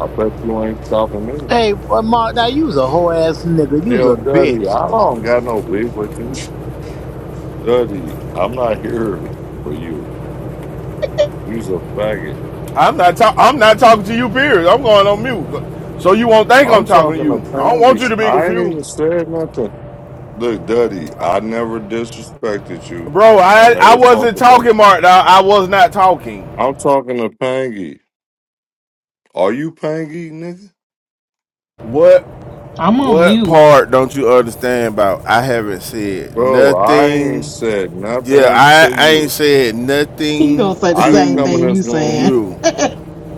I bet you ain't stopping me. Hey, boy, Mark, now you was a whole ass nigga. You was Yo, a Duddy, bitch. I don't got no beef with you. Duddy, I'm not here for you. You's a faggot. I'm not talk- I'm not talking to you, period. I'm going on mute. So you won't think I'm I'm talking to talking you. to I don't want you Pangy. to be I ain't confused. even said nothing. Look, Duddy, I never disrespected you. Bro, I I I never talked wasn't about talking, you. Mark. dawg. I was not talking. I'm talking to Pangy. Are you Pangy, nigga? What I'm on What mute. part don't you understand about? I haven't said Bro, I ain't nothing. said Yeah, nothing to I, I ain't you. said He gonna nothing say the I didn't same come in thing to you this room. saying. you.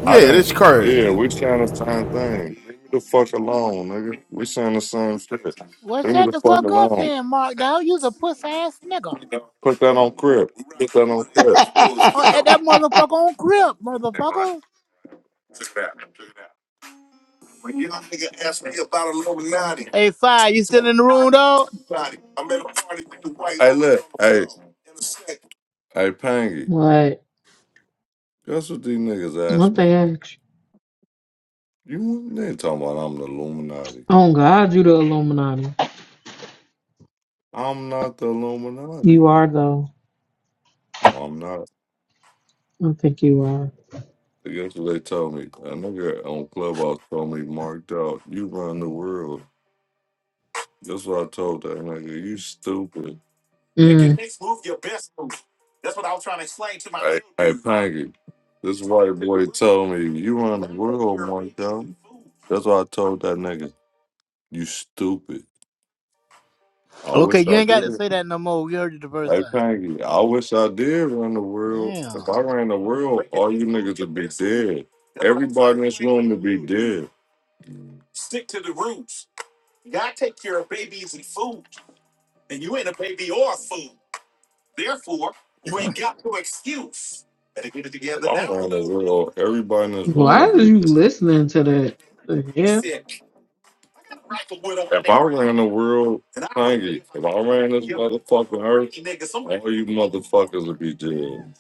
I Yeah, this didn't. crazy. Yeah, we saying the same thing. Leave me the fuck alone, nigga. We saying the same shit. Leave Well, me shut the the fuck fuck up, alone. then, Mark. Now you was a puss ass nigga. Put that on crib. Put that on crib. Oh, and that motherfucker on crib, motherfucker. Hey, Fire, you still in the room, dog? Hey, look. Hey, hey, Pangy. What? Guess what these niggas asked What me? they ask? You they ain't talking about I'm the Illuminati. Oh God, you the Illuminati. I'm not the Illuminati. You are though. No, I'm not. I think you are. Guess what they told me? A nigga on Clubhouse told me, marked out. You run the world. That's what I told that nigga. You stupid. Mm. Hey, hey, Panky, this white boy told me you run the world, Marco. That's why I told that nigga, you stupid. I Okay, wish you I ain't got to did. say that no more. We heard it the first Hey, time. Panky, I wish I did run the world. If Damn. I ran the world, all you niggas would be dead. Everybody in this room would be dead. If I ran the world, everybody in this room Why would are be you dead. listening to that? The hell? If I ran the world, thank you. If I ran this motherfucking earth, all you motherfuckers would be dead.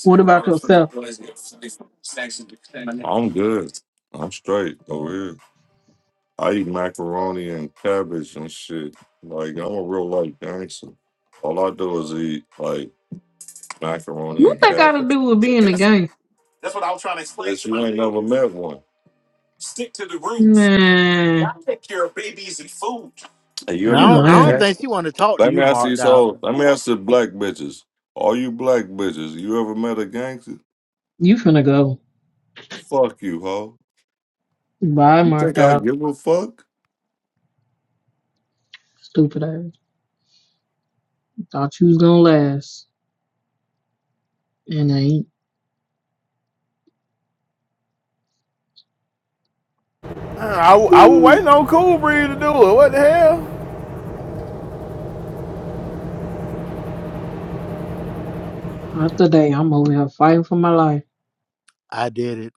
What about yourself? I'm good. I'm straight over here. I eat macaroni and cabbage and shit. Like I'm a real life gangster. All I do is eat like macaroni What and that got to cabbage. do with being a gang? Bitch, you ain't never met one. Man, Have you why And you ever I don't, met I a don't run? think gangster? she want to talk to Let me you, ask Marked these Out. hoes. Let me ask the black bitches. All you black bitches, you ever met a gangster? You finna go. Fuck you, ho. Bye, You think marked I out. give a fuck? Stupid ass. Thought you was gonna last, and ain't. I, I, I was waiting on Cool Breeze to do it. What the hell? Not today. I'm over here fighting for my life. I did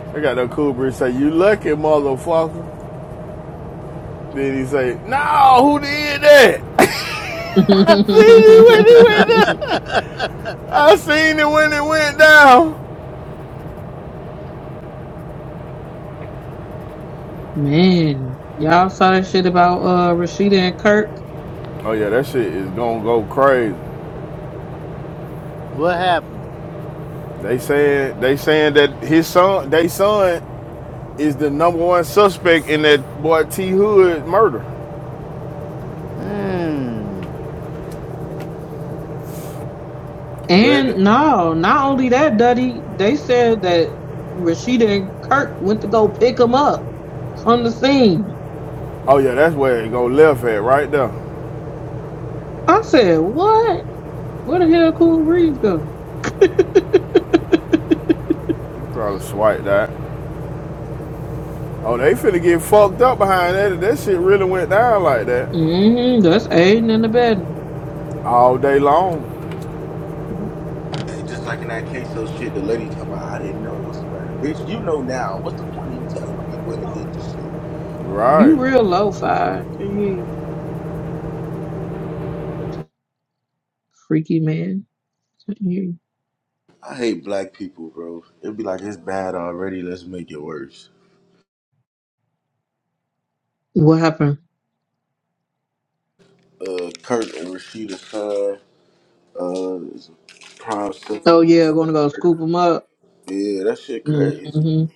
I got no Cool Breeze say, You lucky, motherfucker. Then he say, No, who did that? I seen it it. when it went down. I seen it when it went down. Man, y'all saw that shit about uh Rashida and Kirk. Oh yeah, that shit is gonna go crazy. what happened? They saying they saying that his son, they son, is the number one suspect in that boy T Hood murder. Mm. But And no, not only that, Duddy, they said that Rashida and Kirk went to go pick him up from the scene. oh yeah, that's where it go left at right there. I said, what? Where the hell Cool Reeves go? Probably swipe that. Oh, they finna get fucked up behind that. if That shit really went down like that Mm-hmm, that's Aiden in the bed. all day long. You Right. real low five. Can hear you. Freaky man. Can't hear you. What happened? Oh yeah, gonna go scoop him up. Mm-hmm.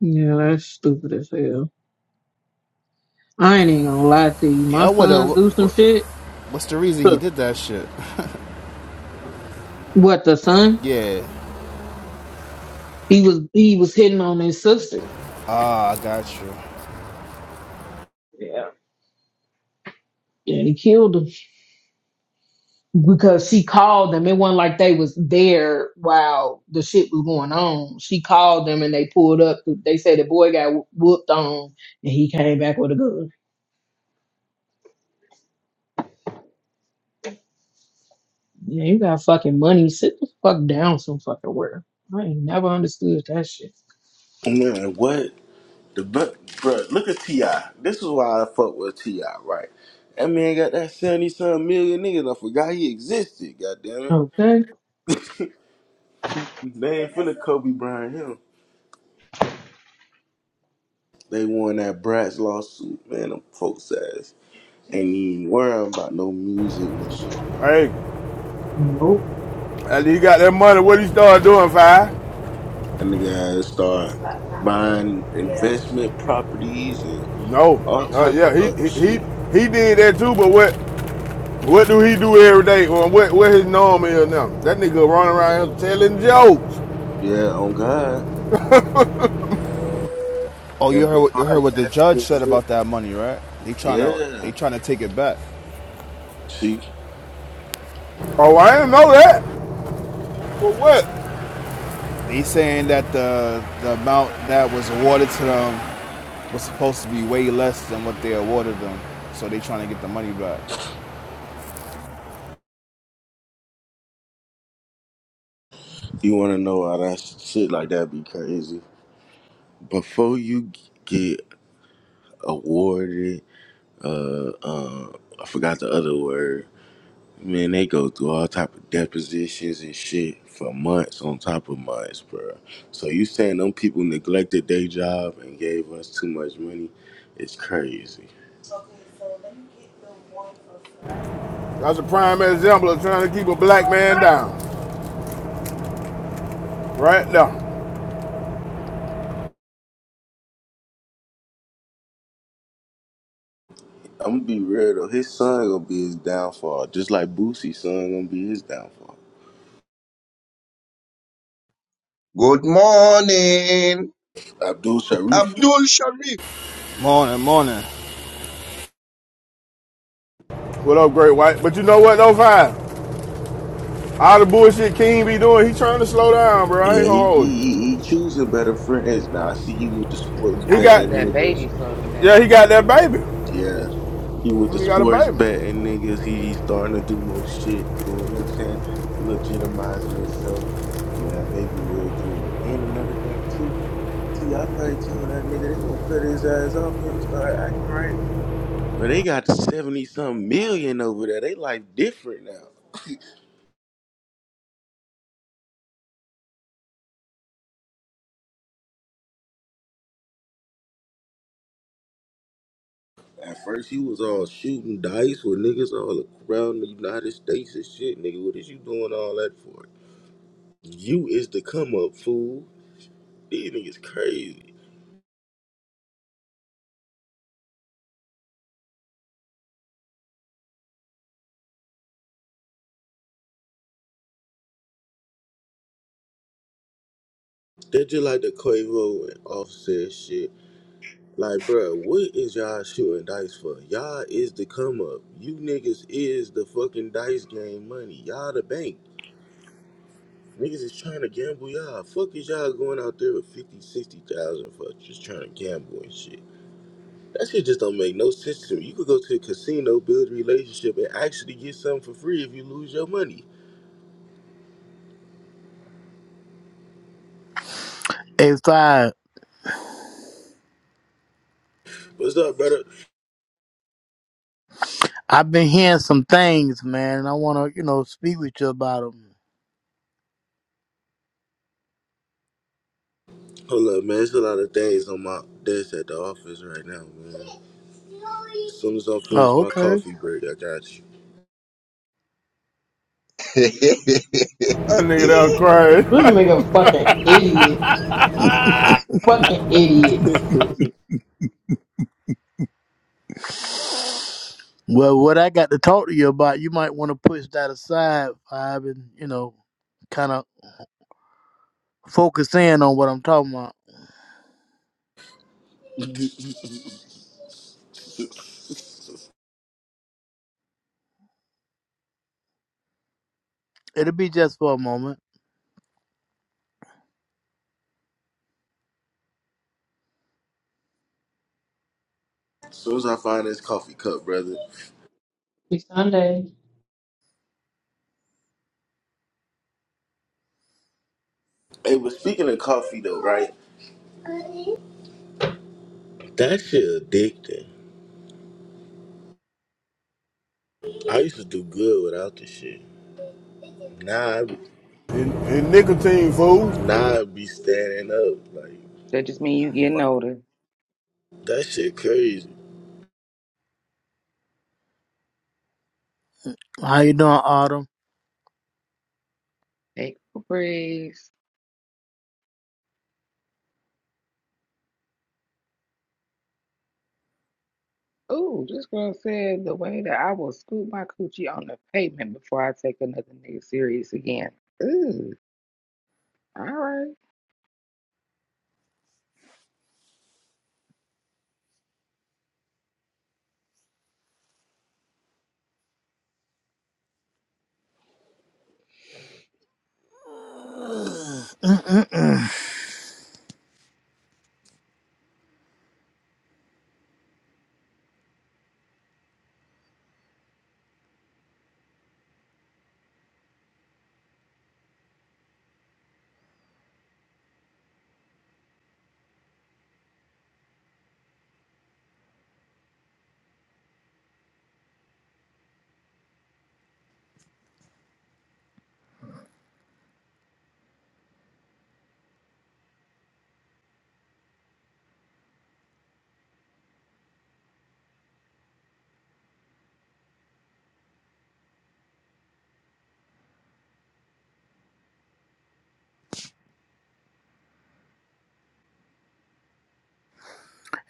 Yeah, that's stupid as hell. I ain't even gonna lie to you. My Yeah, what the, sons do some what, shit. what's the reason he did that shit? What the son? Yeah. He was he was hitting on his sister. Ah, I got you. Yeah. Yeah, he killed him because she called them. It wasn't like they was there while the shit was going on. She called them and they pulled up. They said the boy got whooped on and he came back with a gun. Yeah, you got fucking money. Sit the fuck down some fucking where. I ain't never understood that shit. Okay? Hey, Nope. and he got that money. What he started doing, five? No. Oh uh, yeah, he he he, he did that too. But what? What do he do every day? Or what what his norm is now? That nigga running around here telling jokes. Oh, you heard you heard what the judge said about that money, right? They trying to they trying to take it back. Oh, I didn't know that. For what? They saying that the the amount that was awarded to them was supposed to be way less than what they awarded them, so they trying to get the money back. That's a prime example of trying to keep a black man down. Right now. Good morning, Abdul Sharif. Morning, morning. What up, great white? But you know what though, fine. All the bullshit King be doing, he trying to slow down, bro. I ain't gonna hold you. He I got think that baby slowed him yeah, he down. got that baby. He got a baby. Hey, five. I've been hearing some things, man, and I want to, you know, speak with you about them. Oh, okay. That nigga down This crazy. nigga fucking idiot. Fucking idiot. Well, what I got to talk to you about, you might want to push that aside, I've been, you know, kind of focus in on what I'm talking about. It'll be just for a moment. It's Sunday. and, and nicotine fool. That just mean you getting older. How you doing, Autumn? Take a breeze. Ooh, this girl said the way that I will scoop my coochie on the pavement before I take another nigga serious again. Ooh, all right.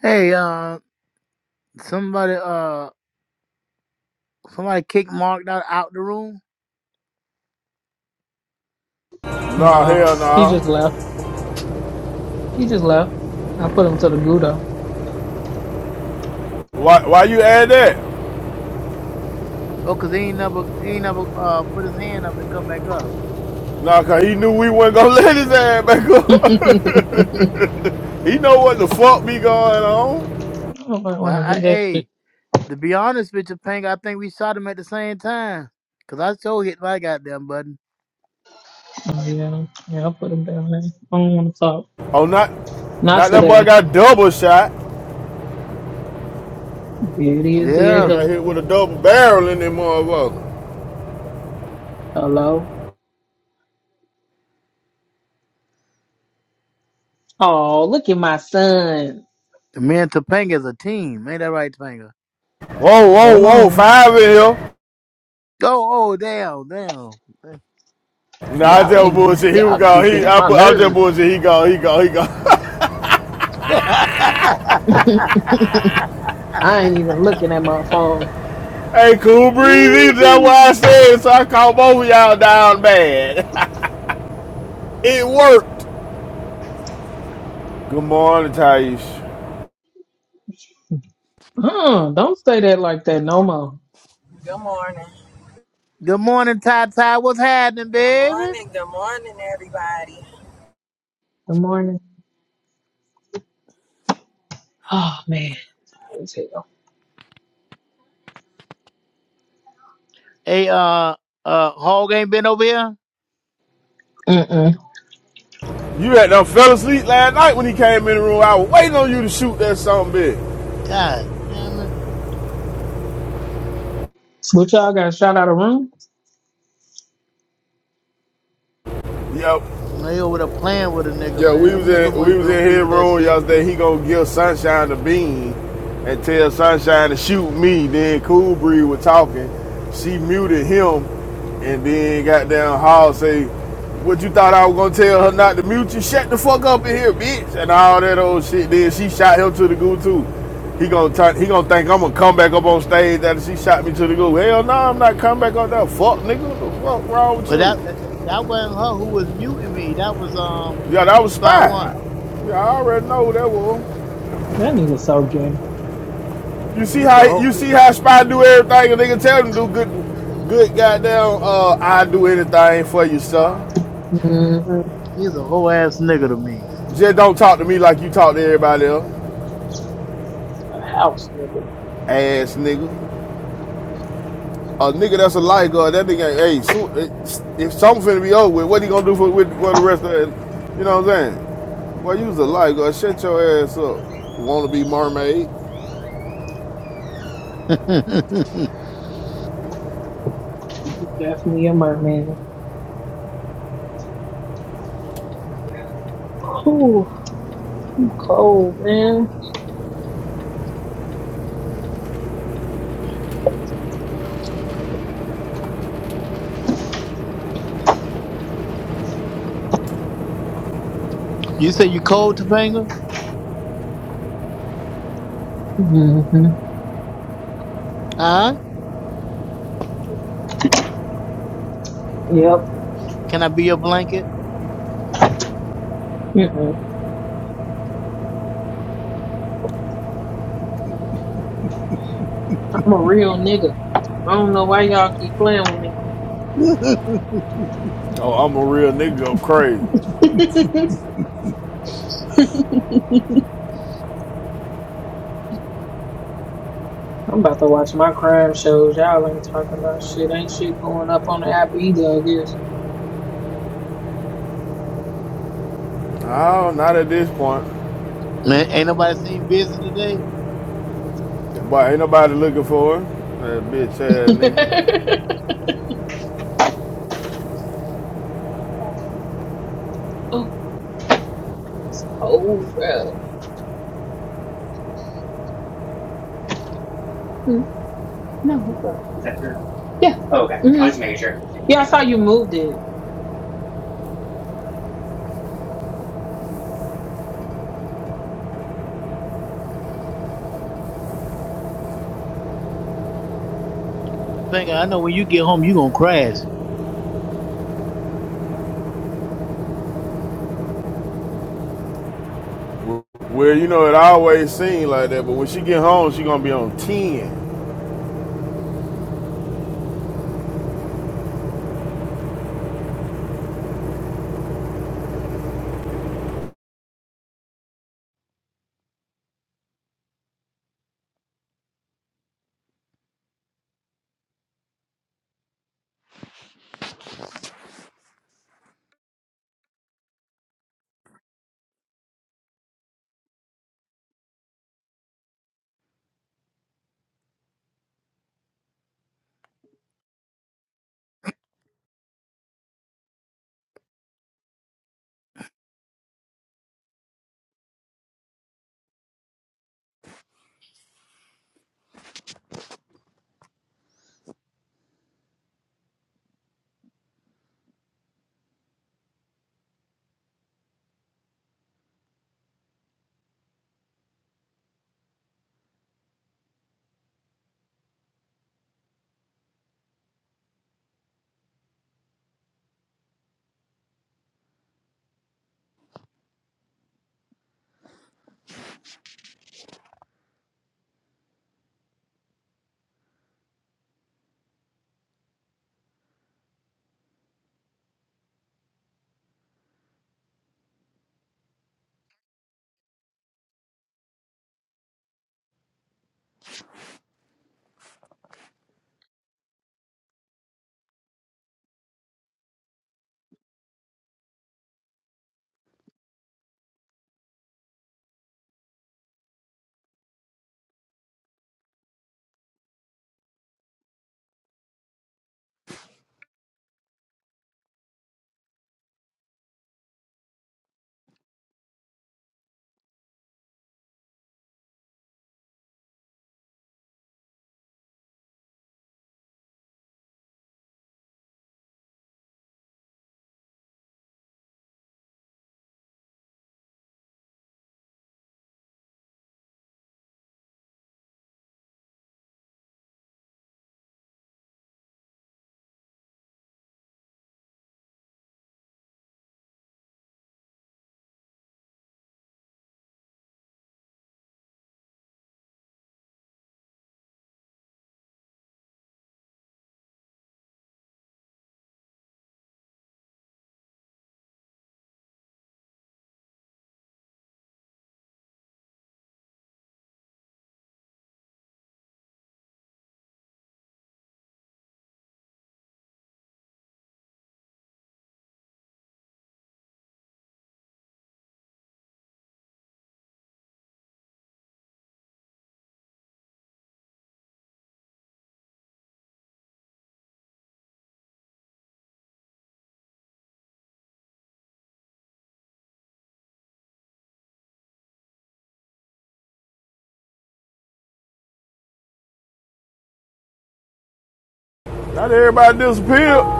Hey, uh, somebody, uh. Somebody kicked Mark out, out the room. Nah, No. hell He just nah. left. He just left. I put him to the gudo. Why why you add that? Oh, cause he ain't never he ain't never uh put his hand up to come back up. Nah, cause he knew we wasn't gonna let his ass back I up. don't he know what the fuck be going on. Well, want to I, hear I that shit. hey, to be honest with you, Pink, I think we shot him at the same time. Cause I sure hit my goddamn button. Oh, yeah. Yeah, I'll put him down there. I don't want to talk. Oh, not, Not not that boy today. got double shot. There it is. There it We Yeah. got go. hit with a double barrel in that motherfucker. Hello. Oh, look at my son. Me and Topanga is a team. Ain't that right, Topanga? Whoa, whoa, Hold whoa! on. Five in here. Oh, oh, damn, damn. Nah, I Y'all just niggas, bullshit. He was y'all gone. niggas been He, on I, my bu- I just nerve. bullshit. He gone. He gone. He gone. I ain't even looking at my phone. hey, cool breezy. That's why I Woo-hoo. said. So I called both of y'all down bad. it worked. Good morning, Taish. Uh, don't say that like that no more. Good morning. Good morning, Ty Ty. What's happening, Good baby? morning. Good morning, everybody. Good morning. Oh, man. Tired as hell. Hey, uh, uh, Hog ain't been over here. Mm-mm. You had done fell asleep last night when he came in the room. I was waiting on you to shoot that something big. God damn it. What y'all got shot out of room? Yep. They over there playing with a nigga, Yeah, we was man. Them Nigga in we might was be, in be his with that room shit. yesterday. He gonna give Sunshine the bean and tell Sunshine to shoot me. Then Cool Breeze was talking. She muted him and then got down hall say, What you thought I was gonna tell her not to mute you? Shut the fuck up in here, bitch and all that old shit. Then she shot him to the goo too. He gonna turn, he gonna think I'm gonna come back up on stage after she shot me to the goo. Hell no, nah, I'm not coming back up there. Fuck nigga, what the fuck wrong with But you? that, that that wasn't her who was muting me. That was um Yeah, that was Spy Spy. One. Yeah, I already know that was. That nigga so gay. You see He's how a you see whole how Spy do everything, and they can tell him to do good, good goddamn. Uh, I do anything for you, sir. Mm-hmm. A he's a whole ass nigga to me. Just don't talk to me like you talk to everybody else, house nigga. ass nigga. A nigga that's a lifeguard, that nigga ain't. Hey, so, eh, if something finna be over with, what he gonna do for with for the rest of it? You know what I'm saying? Well, you was a lifeguard. Shut your ass up. Wanna be mermaid? Definitely a merman. Ooh, I'm cold, man. you say you cold, Topanga? mm hmm Huh? Yep. Can I be your blanket? Mm-mm. I'm a real nigga. I don't know why y'all keep playing with me. Oh, I'm a real nigga. Go crazy. I'm about to watch my crime shows. Y'all ain't talking about shit. Ain't shit going up on the app either, Oh, not at this point. Man, ain't nobody seen busy today, But ain't nobody looking for her. That bitch I guess. ass nigga. oh, it's cold, bro. Is that your? Yeah. Oh, okay. Mhm. I was making sure. Yeah, I saw you moved it. Topanga. I know when you get home you gonna crash. Well, you know, it always seemed like that, but when she get home, she gonna be on 10. Not everybody disappeared.